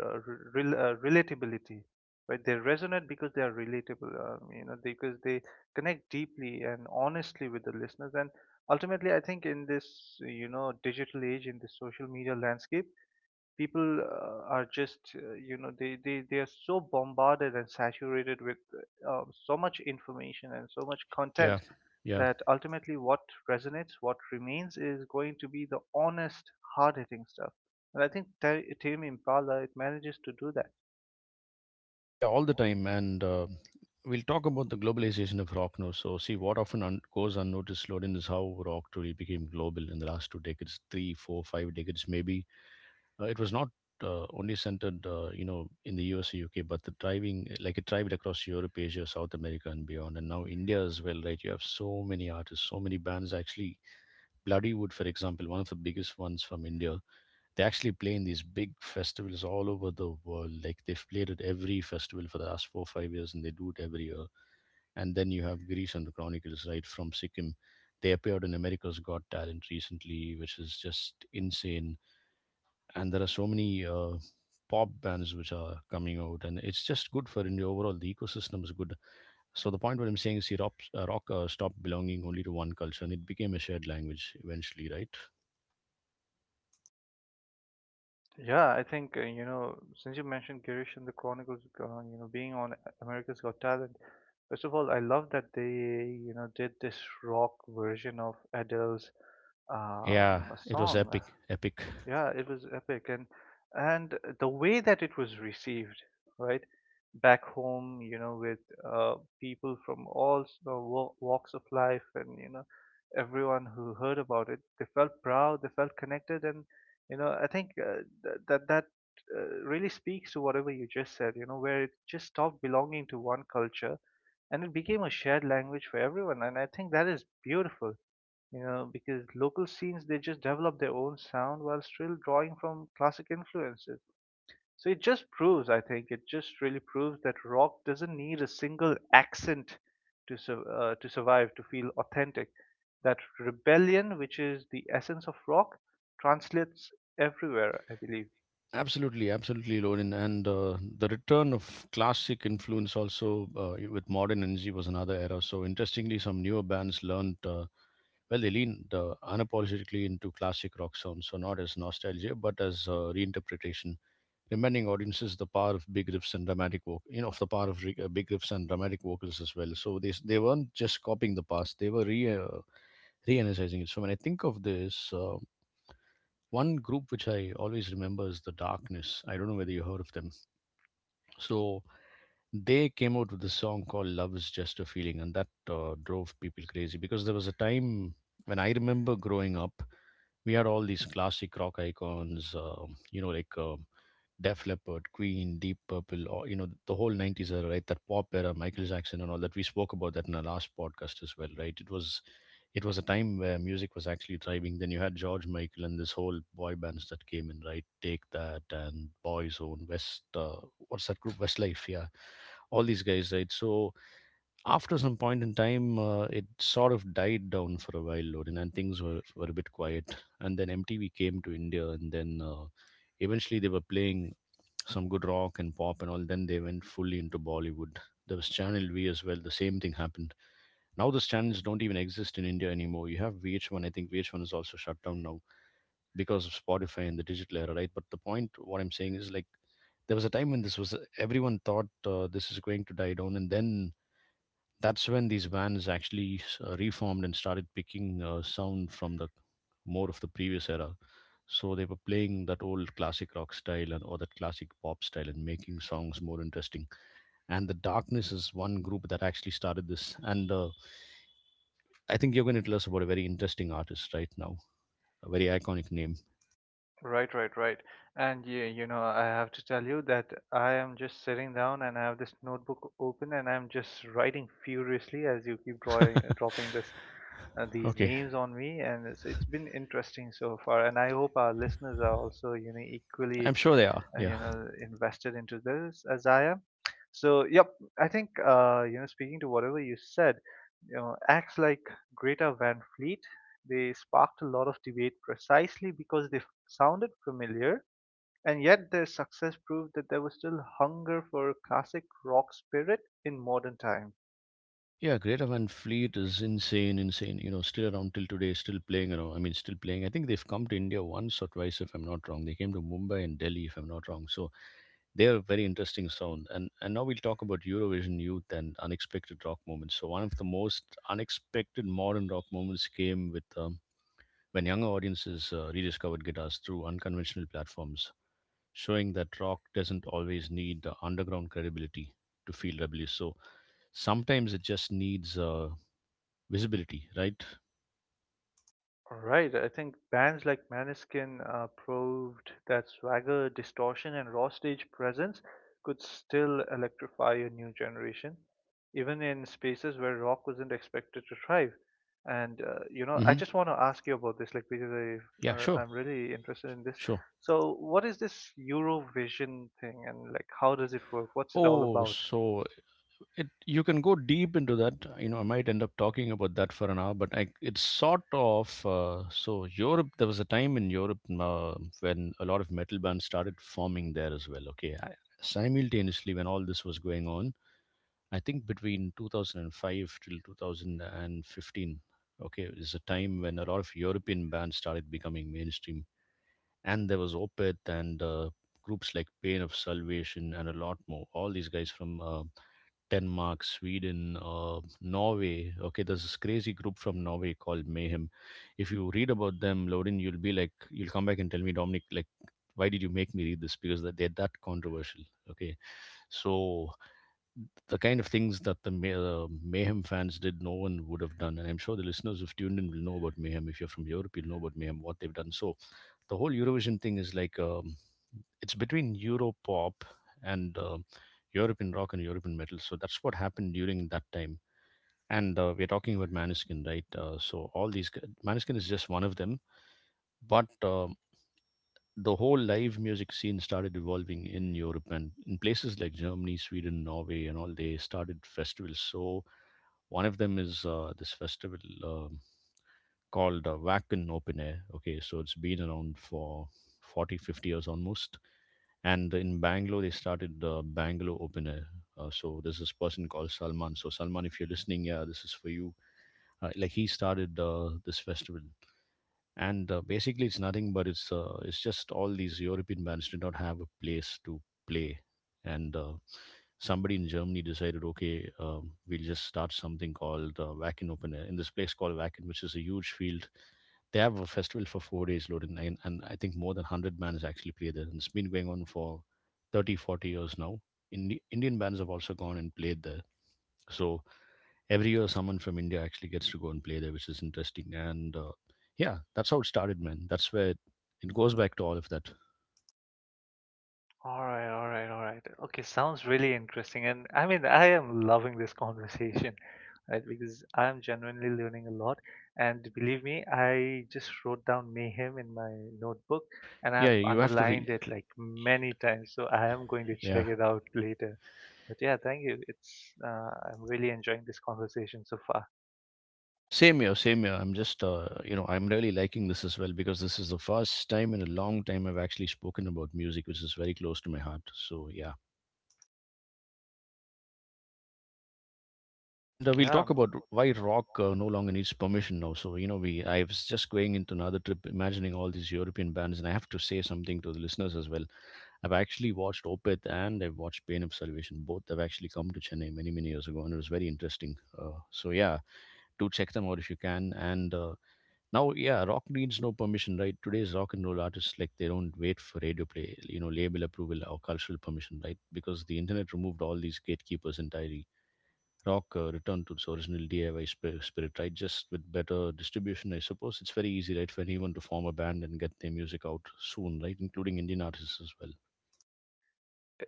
Speaker 2: rel relatability, right? They resonate because they are relatable, you know, because they connect deeply and honestly with the listeners. And ultimately, I think in this, you know, digital age, in this social media landscape, people are just, you know, they are so bombarded and saturated with so much information and so much
Speaker 1: Yeah,
Speaker 2: content
Speaker 1: yeah,
Speaker 2: that ultimately what resonates, what remains is going to be the honest, hard hitting stuff. And I think Tame Impala, it manages to do that.
Speaker 1: yeah, all the time. And we'll talk about the globalization of rock now. So, see, what often goes unnoticed, Loden, is how rock truly became global in the last two decades, three, four, five decades, maybe. It was not only centered, you know, in the US or UK, but the driving, like it thrived across Europe, Asia, South America, and beyond. And now India as well, right? You have so many artists, so many bands. Actually, Bloodywood, for example, one of the biggest ones from India, they actually play in these big festivals all over the world. Like they've played at every festival for the last 4 or 5 years, and they do it every year. And then you have Greece and the Chronicles, right, from Sikkim. They appeared in America's Got Talent recently, which is just insane. And there are so many pop bands which are coming out, and it's just good for India. Overall, the ecosystem is good. So the point what I'm saying is, see, rock stopped belonging only to one culture, and it became a shared language eventually, right?
Speaker 2: Yeah, I think, you know, since you mentioned Girish and the Chronicles, you know, being on America's Got Talent, first of all, I love that you know, did this rock version of Adele's
Speaker 1: Yeah,
Speaker 2: a
Speaker 1: it was
Speaker 2: song.
Speaker 1: epic, epic.
Speaker 2: Yeah, it was epic, and the way that it was received, right, back home, you know, with people from walks of life, and you know, everyone who heard about it, they felt proud, they felt connected, and you know, I think th- that that really speaks to whatever you just said, you know, where it just stopped belonging to one culture and it became a shared language for everyone, and I think that is beautiful you know, because local scenes they just develop their own sound while still drawing from classic influences. So it just proves, I think, it just really proves that rock doesn't need a single accent to to survive to feel authentic. That rebellion, which is the essence of rock, translates everywhere, I believe.
Speaker 1: Absolutely, absolutely, Lorin. And the return of classic influence also with modern energy was another era. So interestingly, some newer bands learned well they leaned unapologetically into classic rock sounds, so not as nostalgia but as reinterpretation, reminding audiences the power of big riffs and dramatic voc you know, of the power of big riffs and dramatic vocals as well. So they weren't just copying the past; they were re re-energizing it. So when I think of this, one group which I always remember is the Darkness. I don't know whether you heard of them. So they came out with a song called "Love Is Just a Feeling," and that drove people crazy, because there was a time when I remember growing up, we had all these classic rock icons, you know, like Def Leppard, Queen, Deep Purple, or you know, the whole '90s era, right? That pop era, Michael Jackson, and all that. We spoke about that in our last podcast as well, right? It was a time where music was actually thriving. Then you had George Michael and this whole boy bands that came in, right? Take That and Boyzone, West, what's that group? Westlife, yeah. All these guys, right? So after some point in time, it sort of died down for a while, Lorin, and were a bit quiet. And then MTV came to India, and then eventually they were playing some good rock and pop and all. Then they went fully into Bollywood. There was Channel V as well. The same thing happened. Now those channels don't even exist in India anymore. You have VH1. I think VH1 is also shut down now because of Spotify and the digital era, right? But the point, what I'm saying is like, there was a time when this was everyone thought this is going to die down, and then that's when these bands actually reformed and started picking sound from the more of the previous era. So they were playing that old classic rock style and or that classic pop style and making songs more interesting. And the Darkness is one group that actually started this. And I think you're going to tell us about a very interesting artist right now, a very iconic name.
Speaker 2: Right, right, right. And yeah, you know, I have to tell you that I am just sitting down and I have this notebook open and I'm just writing furiously as you keep drawing, dropping this, these
Speaker 1: Okay,
Speaker 2: names on me. And so it's been interesting so far. And I hope our listeners are also, you know, equally
Speaker 1: I'm sure they are. Yeah.
Speaker 2: you know invested into this as I am. So yep, I think you know, speaking to whatever you said, you know, acts like Greta Van Fleet, they sparked a lot of debate precisely because sounded familiar, and yet their success proved that there was still hunger for classic rock spirit in modern times.
Speaker 1: Yeah, Greta Van Fleet is insane, insane. You know, still around till today, still playing around. I mean, still playing. I think they've come to India once or twice, if I'm not wrong. They came to Mumbai and Delhi, if I'm not wrong. So they are a very interesting sound. And now we'll talk about Eurovision youth and unexpected rock moments. So one of the most unexpected modern rock moments came with when younger audiences rediscovered guitars through unconventional platforms, showing that rock doesn't always need underground credibility to feel rebellious. So sometimes it just needs visibility, right?
Speaker 2: All right, I think bands like Maneskin proved that swagger, distortion, and raw stage presence could still electrify a new generation, even in spaces where rock wasn't expected to thrive. And you know, I
Speaker 1: hmm
Speaker 2: just want to ask you about this, like, because I
Speaker 1: Yeah, sure,
Speaker 2: I'm really interested in this.
Speaker 1: sure.
Speaker 2: So, what is this Eurovision thing, and like how does it work? What's it all
Speaker 1: Oh,
Speaker 2: about?
Speaker 1: so it you can go deep into that. You know, I might end up talking about that for an hour, but it's sort of so Europe. There was a time in Europe when a lot of metal bands started forming there as well. Simultaneously when all this was going on, I think between 2005 till 2015. Okay, is a time when a lot of European bands started becoming mainstream and there was Opeth and groups like Pain of Salvation and a lot more. All these guys from Denmark, Sweden, Norway. Okay, there's this crazy group from Norway called Mayhem. If you read about them, Lorin, you'll be like, you'll come back and tell me, Dominic, like, why did you make me read this? Because that they're that controversial. Okay, so the kind of things that the Mayhem fans did, no one would have done. And I'm sure the listeners who've tuned in will know about Mayhem. If you're from Europe, you'll know about Mayhem, what they've done. So the whole Eurovision thing is like it's between Europop and European rock and European metal. So that's what happened during that time. And we're talking about Maneskin, right? So all these Maniskin is just one of them, but the whole live music scene started evolving in Europe and in places like Germany, Sweden, Norway, and all. They started festivals. So one of them is this festival um called Wacken Open Air. Okay, so it's been around for 40, 50 years almost and in Bangalore they started the Bangalore Open Air. So there's this person called Salman. So Salman, if you're listening, yeah, this is for you. Like he started this festival, and basically it's nothing but it's just all these European bands did not have a place to play, and somebody in Germany decided, okay, we'll just start something called Wacken Open Air in this place called Wacken, which is a huge field they have a festival for 4 days loaded, and I think more than 100 bands actually play there. And it's been going on for 30, 40 years now. Indian bands have also gone and played there. So every year, someone from India actually gets to go and play there, which is interesting. And yeah, that's how it started, man. It goes back to all of that.
Speaker 2: All right, all right, all right. Okay, sounds really interesting. And I mean, I am loving this conversation, right? Because I am genuinely learning a lot. And believe me, I just wrote down Mayhem in my notebook, and
Speaker 1: Yeah,
Speaker 2: I've
Speaker 1: you have to
Speaker 2: underlined
Speaker 1: read.
Speaker 2: it like many times. So I am going to check
Speaker 1: Yeah,
Speaker 2: it out later. But yeah, thank you. It's I'm really enjoying this conversation so far.
Speaker 1: same here, same here. I'm just, you know, I'm really liking this as well because this is the first time in a long time I've actually spoken about music, which is very close to my heart. So yeah. And we'll
Speaker 2: Yeah.
Speaker 1: talk about why rock no longer needs permission now. So you know, we I was just going into another trip, imagining all these European bands, and I have to say something to the listeners as well. I've actually watched Opeth and I've watched Pain of Salvation. Both have actually come to Chennai many many years ago, and it was very interesting. So yeah, do check them out if you can. And now, yeah, rock needs no permission, right? Today's rock and roll artists like they don't wait for radio play, you know, label approval or cultural permission, right? Because the internet removed all these gatekeepers entirely rock returned to its original DIY spirit, right? Just with better distribution, I suppose. It's very easy, right, for anyone to form a band and get their music out soon, right, including Indian artists as well.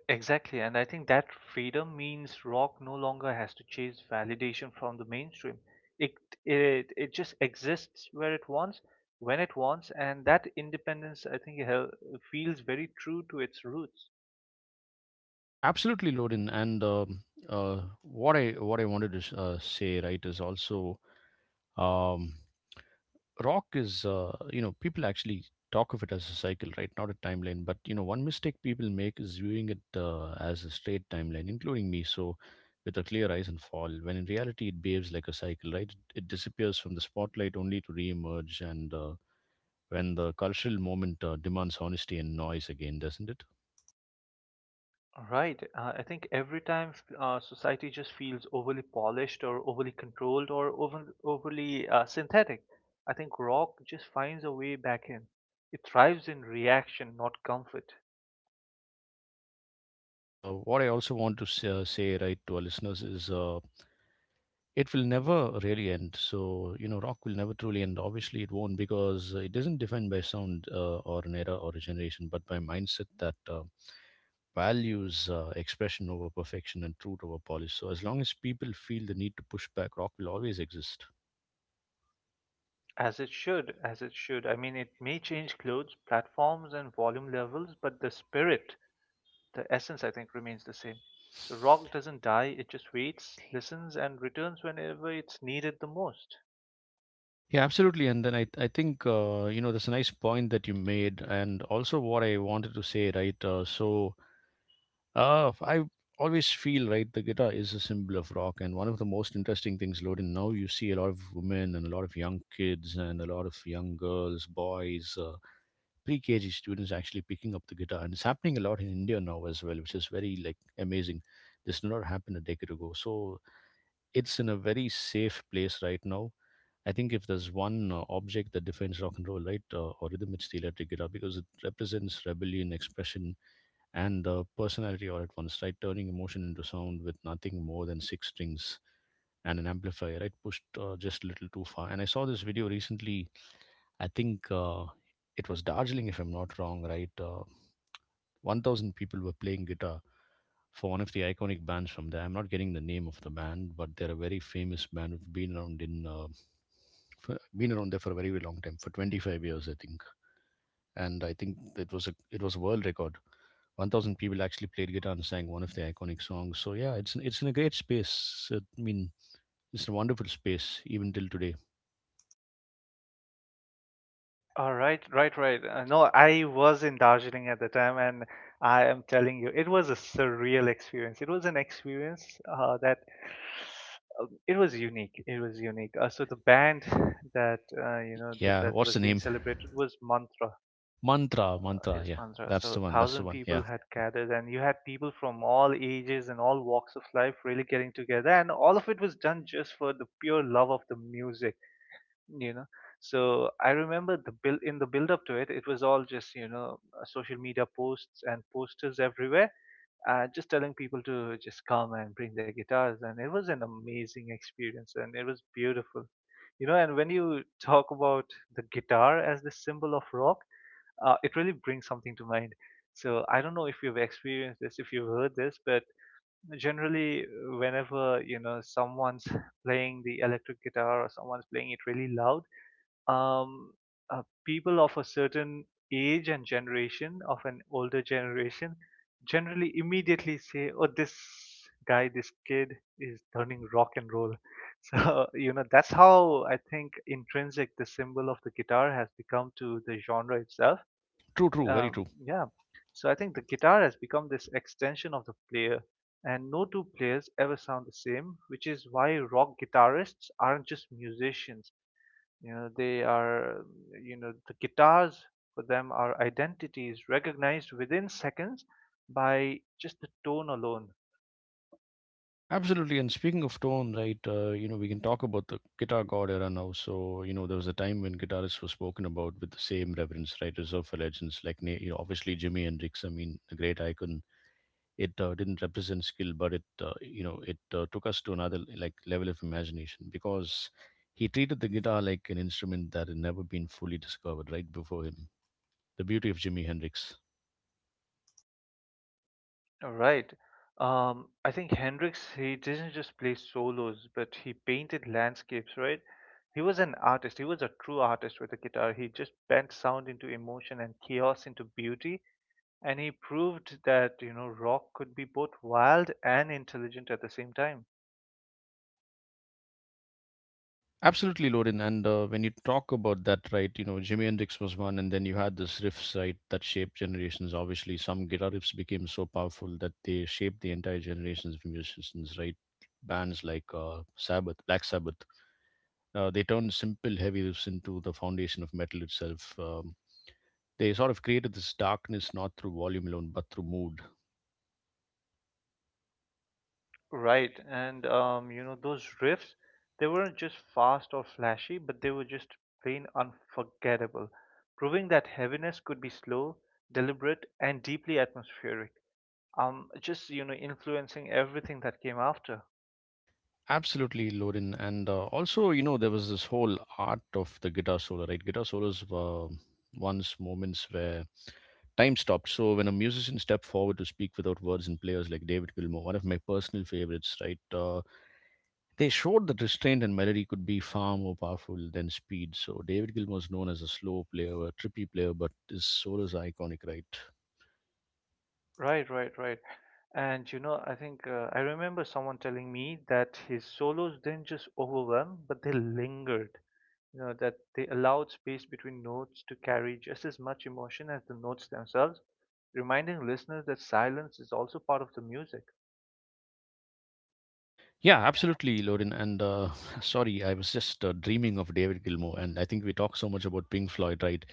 Speaker 2: Exactly, and I think that freedom means rock no longer has to chase validation from the mainstream. It it just exists where it wants, when it wants, and that independence, I think, feels very true to its roots.
Speaker 1: Yeah, absolutely, Lorin. And what I wanted to say, right, is also um, rock is you know people actually talk of it as a cycle right not a timeline but you know one mistake people make is viewing it as a straight timeline including me so with a clear eyes and fall when in reality it behaves like a cycle right it disappears from the spotlight only to re-emerge and when the cultural moment demands honesty and noise again doesn't it
Speaker 2: Right. I think every time society just feels overly polished or overly controlled or overly synthetic, I think rock just finds a way back in. It thrives in reaction, not comfort.
Speaker 1: and what I also want to say right to our listeners is it will never really end. So, you know, rock will never truly end. Obviously, it won't because it isn't defined by sound or an era or a generation, but by mindset that values expression over perfection and truth over polish. So, as long as people feel the need to push back, rock will always exist.
Speaker 2: As it should, as it should. I mean, it may change clothes, platforms, and volume levels, but the spirit, the essence, I think, remains the same. So rock doesn't die, it just waits, listens, and returns whenever it's needed the most.
Speaker 1: Yeah, absolutely. And then I think, you know, that's a nice point that you made. And also what I wanted to say, right? I always feel right. The guitar is a symbol of rock, and one of the most interesting things, Loden. Now you see a lot of women and a lot of young kids and a lot of young girls, boys, pre-KG students actually picking up the guitar, and it's happening a lot in India now as well, which is very like amazing. This did not happen a decade ago, so it's in a very safe place right now. I think if there's one object that defines rock and roll, right, or rhythm, it's the electric guitar because it represents rebellion, expression, and personality all at once, right? Turning emotion into sound with nothing more than six strings and an amplifier, right? Pushed just a little too far. And I saw this video recently. I think it was Darjeeling, if I'm not wrong, right? 1,000 people were playing guitar for one of the iconic bands from there. I'm not getting the name of the band, but they're a very famous band who've been around in been around there for a very, very long time, for 25 years, I think. And I think it was a world record. 1,000 people actually played guitar and sang one of the iconic songs. So yeah, it's in a great space. So, I mean, it's a wonderful space even till today.
Speaker 2: All right, right, right. No, I was in Darjeeling at the time, and I am telling you, it was a surreal experience. It was an experience that it was unique. It was unique. So the band that you know,
Speaker 1: Yeah,
Speaker 2: that
Speaker 1: what's
Speaker 2: was
Speaker 1: the
Speaker 2: being
Speaker 1: name?
Speaker 2: celebrated was Mantra.
Speaker 1: Mantra, mantra.
Speaker 2: Yes,
Speaker 1: Yeah,
Speaker 2: Mansa.
Speaker 1: that's
Speaker 2: So,
Speaker 1: the one. That's the
Speaker 2: thousand
Speaker 1: one.
Speaker 2: people
Speaker 1: Yeah,
Speaker 2: had gathered, and you had people from all ages and all walks of life really getting together, and all of it was done just for the pure love of the music, you know. So, I remember the build up to it. It was all just, you know, social media posts and posters everywhere, just telling people to just come and bring their guitars, and it was an amazing experience, and it was beautiful, you know. And when you talk about the guitar as the symbol of rock, it really brings something to mind. So I don't know if you've experienced this, if you've heard this, but generally, whenever, you know, someone's playing the electric guitar or someone's playing it really loud, um, people of a certain age and generation, of an older generation, generally immediately say, "Oh, this guy, this kid is turning rock and roll." So, you know, that's how, I think, intrinsic the symbol of the guitar has become to the genre itself.
Speaker 1: true, true, very
Speaker 2: Um,
Speaker 1: true.
Speaker 2: yeah. So I think the guitar has become this extension of the player, and no two players ever sound the same, which is why rock guitarists aren't just musicians. You know, they are, you know, the guitars for them are identities recognized within seconds by just the tone alone.
Speaker 1: Absolutely. And speaking of tone, right? You know, we can talk about the guitar god era now. So you know, there was a time when guitarists were spoken about with the same reverence, right? Reserved for legends like, you know, obviously Jimi Hendrix. I mean, a great icon it didn't represent skill but it you know it took us to another like level of imagination because he treated the guitar like an instrument that had never been fully discovered right before him the beauty of jimi hendrix
Speaker 2: Right. I think Hendrix, he didn't just play solos, but he painted landscapes, right? He was an artist. He was a true artist with the guitar. He just bent sound into emotion and chaos into beauty, and he proved that, you know, rock could be both wild and intelligent at the same time.
Speaker 1: absolutely loden and when you talk about that right you know jimi hendrix was one and then you had this riffs right that shaped generations obviously some guitar riffs became so powerful that they shaped the entire generations of musicians right bands like sabbath black sabbath they turned simple heavy roofs into the foundation of metal itself. They sort of created this darkness not through volume alone, but through mood.
Speaker 2: Right. And you know, those riffs, they weren't just fast or flashy, but they were just plain unforgettable, proving that heaviness could be slow, deliberate, and deeply atmospheric, um, just, you know, influencing everything that came after.
Speaker 1: Absolutely, Lorin. And also, you know, there was this whole art of the guitar solo, right? Guitar solos were once moments where time stopped. So when a musician stepped forward to speak without words and players like David Gilmour, one of my personal favorites, right? They showed that restraint and melody could be far more powerful than speed. So David Gilmour's known as a slow player, a trippy player, but his solos are iconic, right?
Speaker 2: Right, right, right. And you know, I think, I remember someone telling me that his solos didn't just overwhelm, but they lingered. You know, that they allowed space between notes to carry just as much emotion as the notes themselves, reminding listeners that silence is also part of the music.
Speaker 1: Yeah, absolutely, Lorin. And sorry, I was just dreaming of David Gilmour, and I think we talk so much about Pink Floyd, right?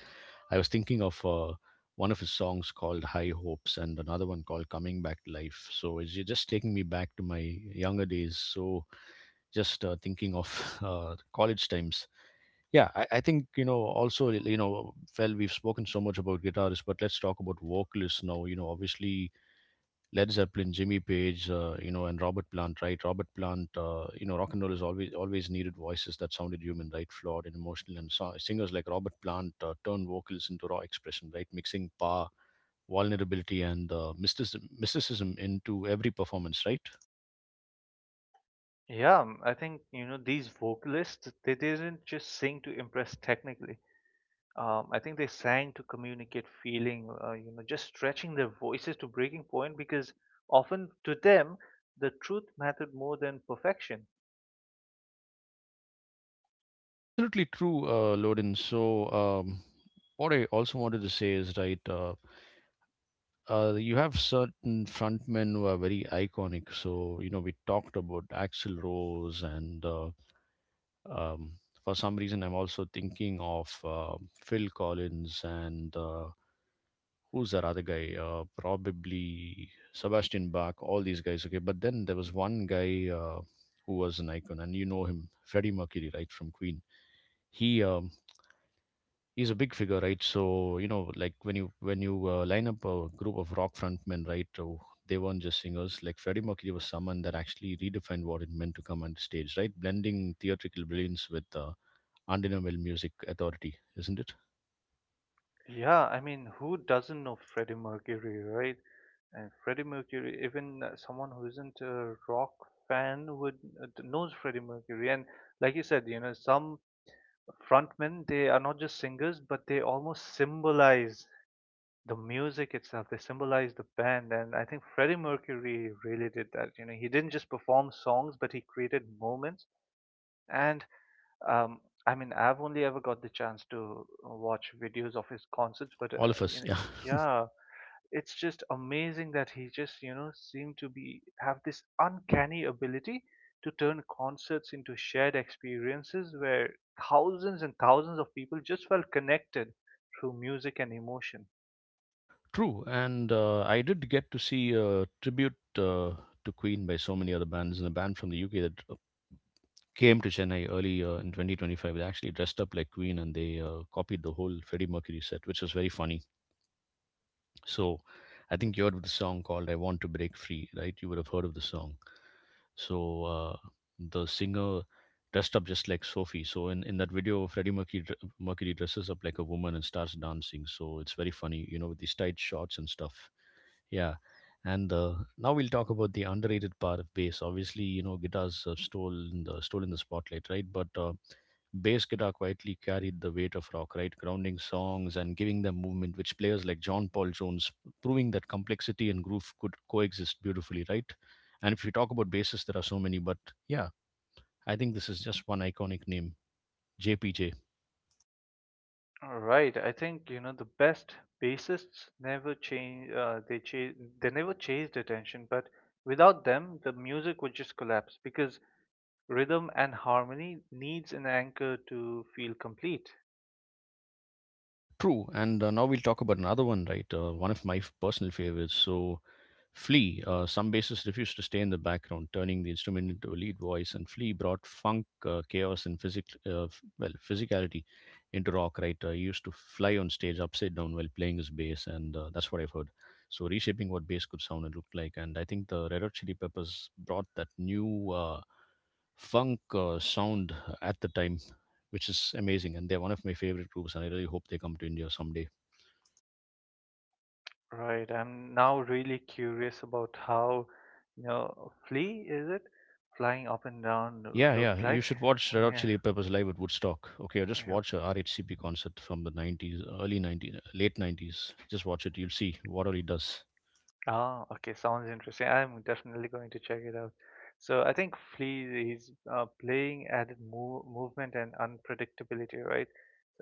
Speaker 1: I was thinking of one of his songs called High Hopes and another one called Coming Back to Life. So it's just taking me back to my younger days. So just thinking of college times. Yeah, I think, you know, also, you know, well, we've spoken so much about guitarists, but let's talk about vocalists now. You know, obviously Led Zeppelin, Jimmy Page, you know, and Robert Plant, right? Robert Plant, you know, rock and roll has always needed voices that sounded human, right? Flawed and emotional. And so, singers like Robert Plant turned vocals into raw expression, right? Mixing power, vulnerability, and mysticism into every performance, right?
Speaker 2: Yeah. I think, you know, these vocalists, they didn't just sing to impress technically. I think they sang to communicate feeling, you know, just stretching their voices to breaking point because often to them the truth mattered more than perfection.
Speaker 1: Absolutely true, Loden. So, what I also wanted to say is, right? You have certain frontmen who are very iconic. So, you know, we talked about Axl Rose, and um, for some reason, I'm also thinking of Phil Collins and who's that other guy? Probably Sebastian Bach, all these guys. Okay, but then there was one guy who was an icon, and you know him, Freddie Mercury, right, from Queen. He um, he's a big figure, right? So you know, like when you line up a group of rock frontmen, right? Oh, they weren't just singers. Like Freddie Mercury was someone that actually redefined what it meant to come on stage, right? Blending theatrical brilliance with undeniable music authority, isn't it?
Speaker 2: Yeah, I mean, who doesn't know Freddie Mercury, right? And Freddie Mercury, even someone who isn't a rock fan would, knows Freddie Mercury. And like you said, you know, some frontmen, they are not just singers, but they almost symbolize the music itself. They symbolized the band, and I think Freddie Mercury really did that. You know, he didn't just perform songs, but he created moments. And um, I mean, I've only ever got the chance to watch videos of his concerts, but
Speaker 1: All of
Speaker 2: you
Speaker 1: us,
Speaker 2: know,
Speaker 1: yeah.
Speaker 2: yeah, it's just amazing that he just, you know, seemed to be have this uncanny ability to turn concerts into shared experiences where thousands and thousands of people just felt connected through music and emotion.
Speaker 1: True, and I did get to see a tribute to Queen by so many other bands, and a band from the UK that came to Chennai early in 2025. They actually dressed up like Queen and they copied the whole Freddie Mercury set, which was very funny. So I think you heard of the song called I Want to Break Free, right? You would have heard of the song. So the singer dressed up just like Sophie. So in that video, Mercury dresses up like a woman and starts dancing. So it's very funny, you know, with these tight shorts and stuff. Yeah, and now we'll talk about the underrated part of bass. Obviously, you know, guitars stole in the spotlight, right? But bass guitar quietly carried the weight of rock, right? Grounding songs and giving them movement, which players like John Paul Jones, proving that complexity and groove could coexist beautifully, right? And if you talk about basses, there are so many, but yeah, I think this is just one iconic name, JPJ.
Speaker 2: All right. I think, you know, the best bassists never change. They never chased attention, but without them, the music would just collapse because rhythm and harmony needs an anchor to feel complete.
Speaker 1: True, and now we'll talk about another one, right? One of my personal favorites. So Flea, some bassists refused to stay in the background, turning the instrument into a lead voice, and Flea brought funk, chaos, and well, physicality into rock, right? He used to fly on stage upside down while playing his bass, and that's what I've heard. So, reshaping what bass could sound and look like. And I think the Red Hot Chili Peppers brought that new funk sound at the time, which is amazing. And they're one of my favorite groups, and I really hope they come to India someday.
Speaker 2: Right. I'm now really curious about how, you know, Flea is it flying up and down
Speaker 1: Yeah,
Speaker 2: looked
Speaker 1: yeah. You
Speaker 2: like?
Speaker 1: should watch Red Hot
Speaker 2: Yeah.
Speaker 1: Chili Peppers live at Woodstock. Okay, or just
Speaker 2: Yeah.
Speaker 1: watch a RHCP concert from the 90s, early 90s, late 90s. Just watch it. You'll see what all he does.
Speaker 2: Ah, okay, sounds interesting. I'm definitely going to check it out. So I think Flea is playing added movement and unpredictability, right?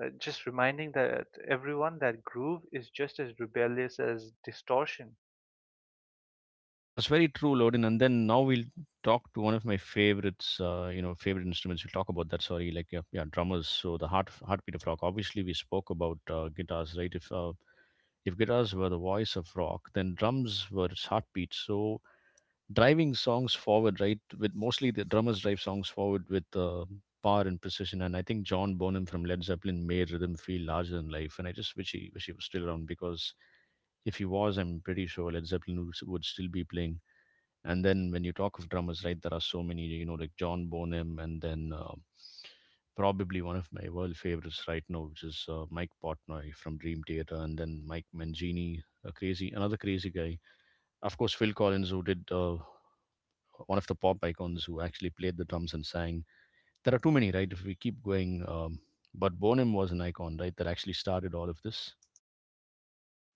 Speaker 2: Just reminding that everyone that groove is just as rebellious as distortion.
Speaker 1: Yeah, it's very true, Lodin. And then now we'll talk to one of my favorites, you know, favorite instruments. We'll talk about that. Sorry, like yeah, yeah drummers. So the heartbeat of rock. Obviously, we spoke about guitars, right? If guitars were the voice of rock, then drums were its heartbeat. So driving songs forward, right? With mostly the drummers drive songs forward with power and precision. And I think John Bonham from Led Zeppelin made rhythm feel larger than life. And I just wish he was still around because if he was, I'm pretty sure Led Zeppelin would still be playing. And then when you talk of drummers, right, there are so many, you know, like John Bonham, and then probably one of my world favorites right now, which is Mike Portnoy from Dream Theater, and then Mike Mangini, another crazy guy. Of course, Phil Collins, who did one of the pop icons who actually played the drums and sang. There are too many, right? If we keep going, but Bonham was an icon, right? That actually started all of this.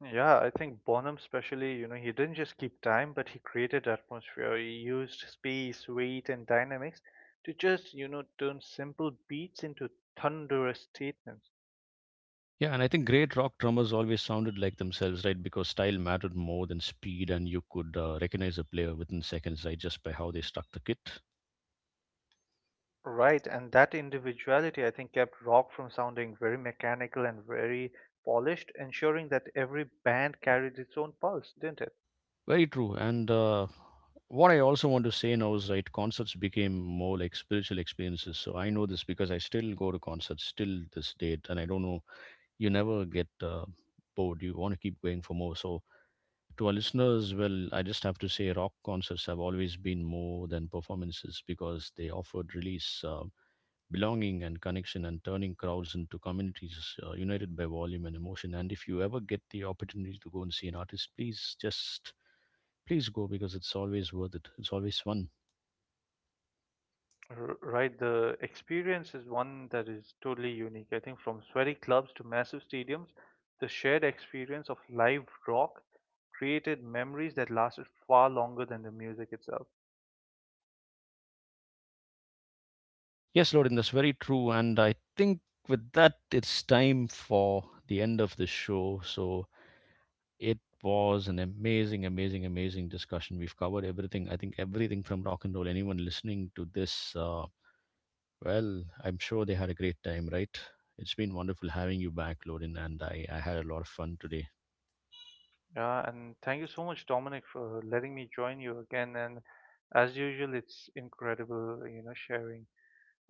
Speaker 2: Yeah, I think Bonham especially, you know, he didn't just keep time, but he created atmosphere. He used space, weight, and dynamics to just, you know, turn simple beats into thunderous statements.
Speaker 1: Yeah, and I think great rock drummers always sounded like themselves, right? Because style mattered more than speed, and you could recognize a player within seconds, right? Just by how they struck the kit.
Speaker 2: Right, and that individuality, I think, kept rock from sounding very mechanical and very polished, ensuring that every band carried its own pulse, didn't it?
Speaker 1: Very true. And what I also want to say now is, right, concerts became more like spiritual experiences. So I know this because I still go to concerts still this date, and I don't know you never get bored. You want to keep going for more. So to our listeners, well, I just have to say rock concerts have always been more than performances because they offered release, belonging and connection, and turning crowds into communities united by volume and emotion. And if you ever get the opportunity to go and see an artist, please just please go, because it's always worth it. It's always fun.
Speaker 2: Right, the experience is one that is totally unique. I think from sweaty clubs to massive stadiums, the shared experience of live rock created memories that lasted far longer than the music itself.
Speaker 1: Yes, Lord, that's very true. And I think with that, it's time for the end of the show. So it was an amazing, amazing, amazing discussion. We've covered everything. I think everything from rock and roll. Anyone listening to this, well, I'm sure they had a great time, right? It's been wonderful having you back, Lorin, and I had a lot of fun today.
Speaker 2: Yeah, and thank you so much, Dominic, for letting me join you again. And as usual, it's incredible, you know, sharing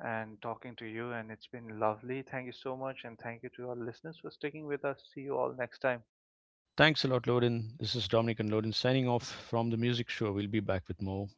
Speaker 2: and talking to you, and it's been lovely. Thank you so much, and thank you to our listeners for sticking with us. See you all next time.
Speaker 1: Thanks a lot, Lorin. This is Dominic and Lorin signing off from the music show. We'll be back with more.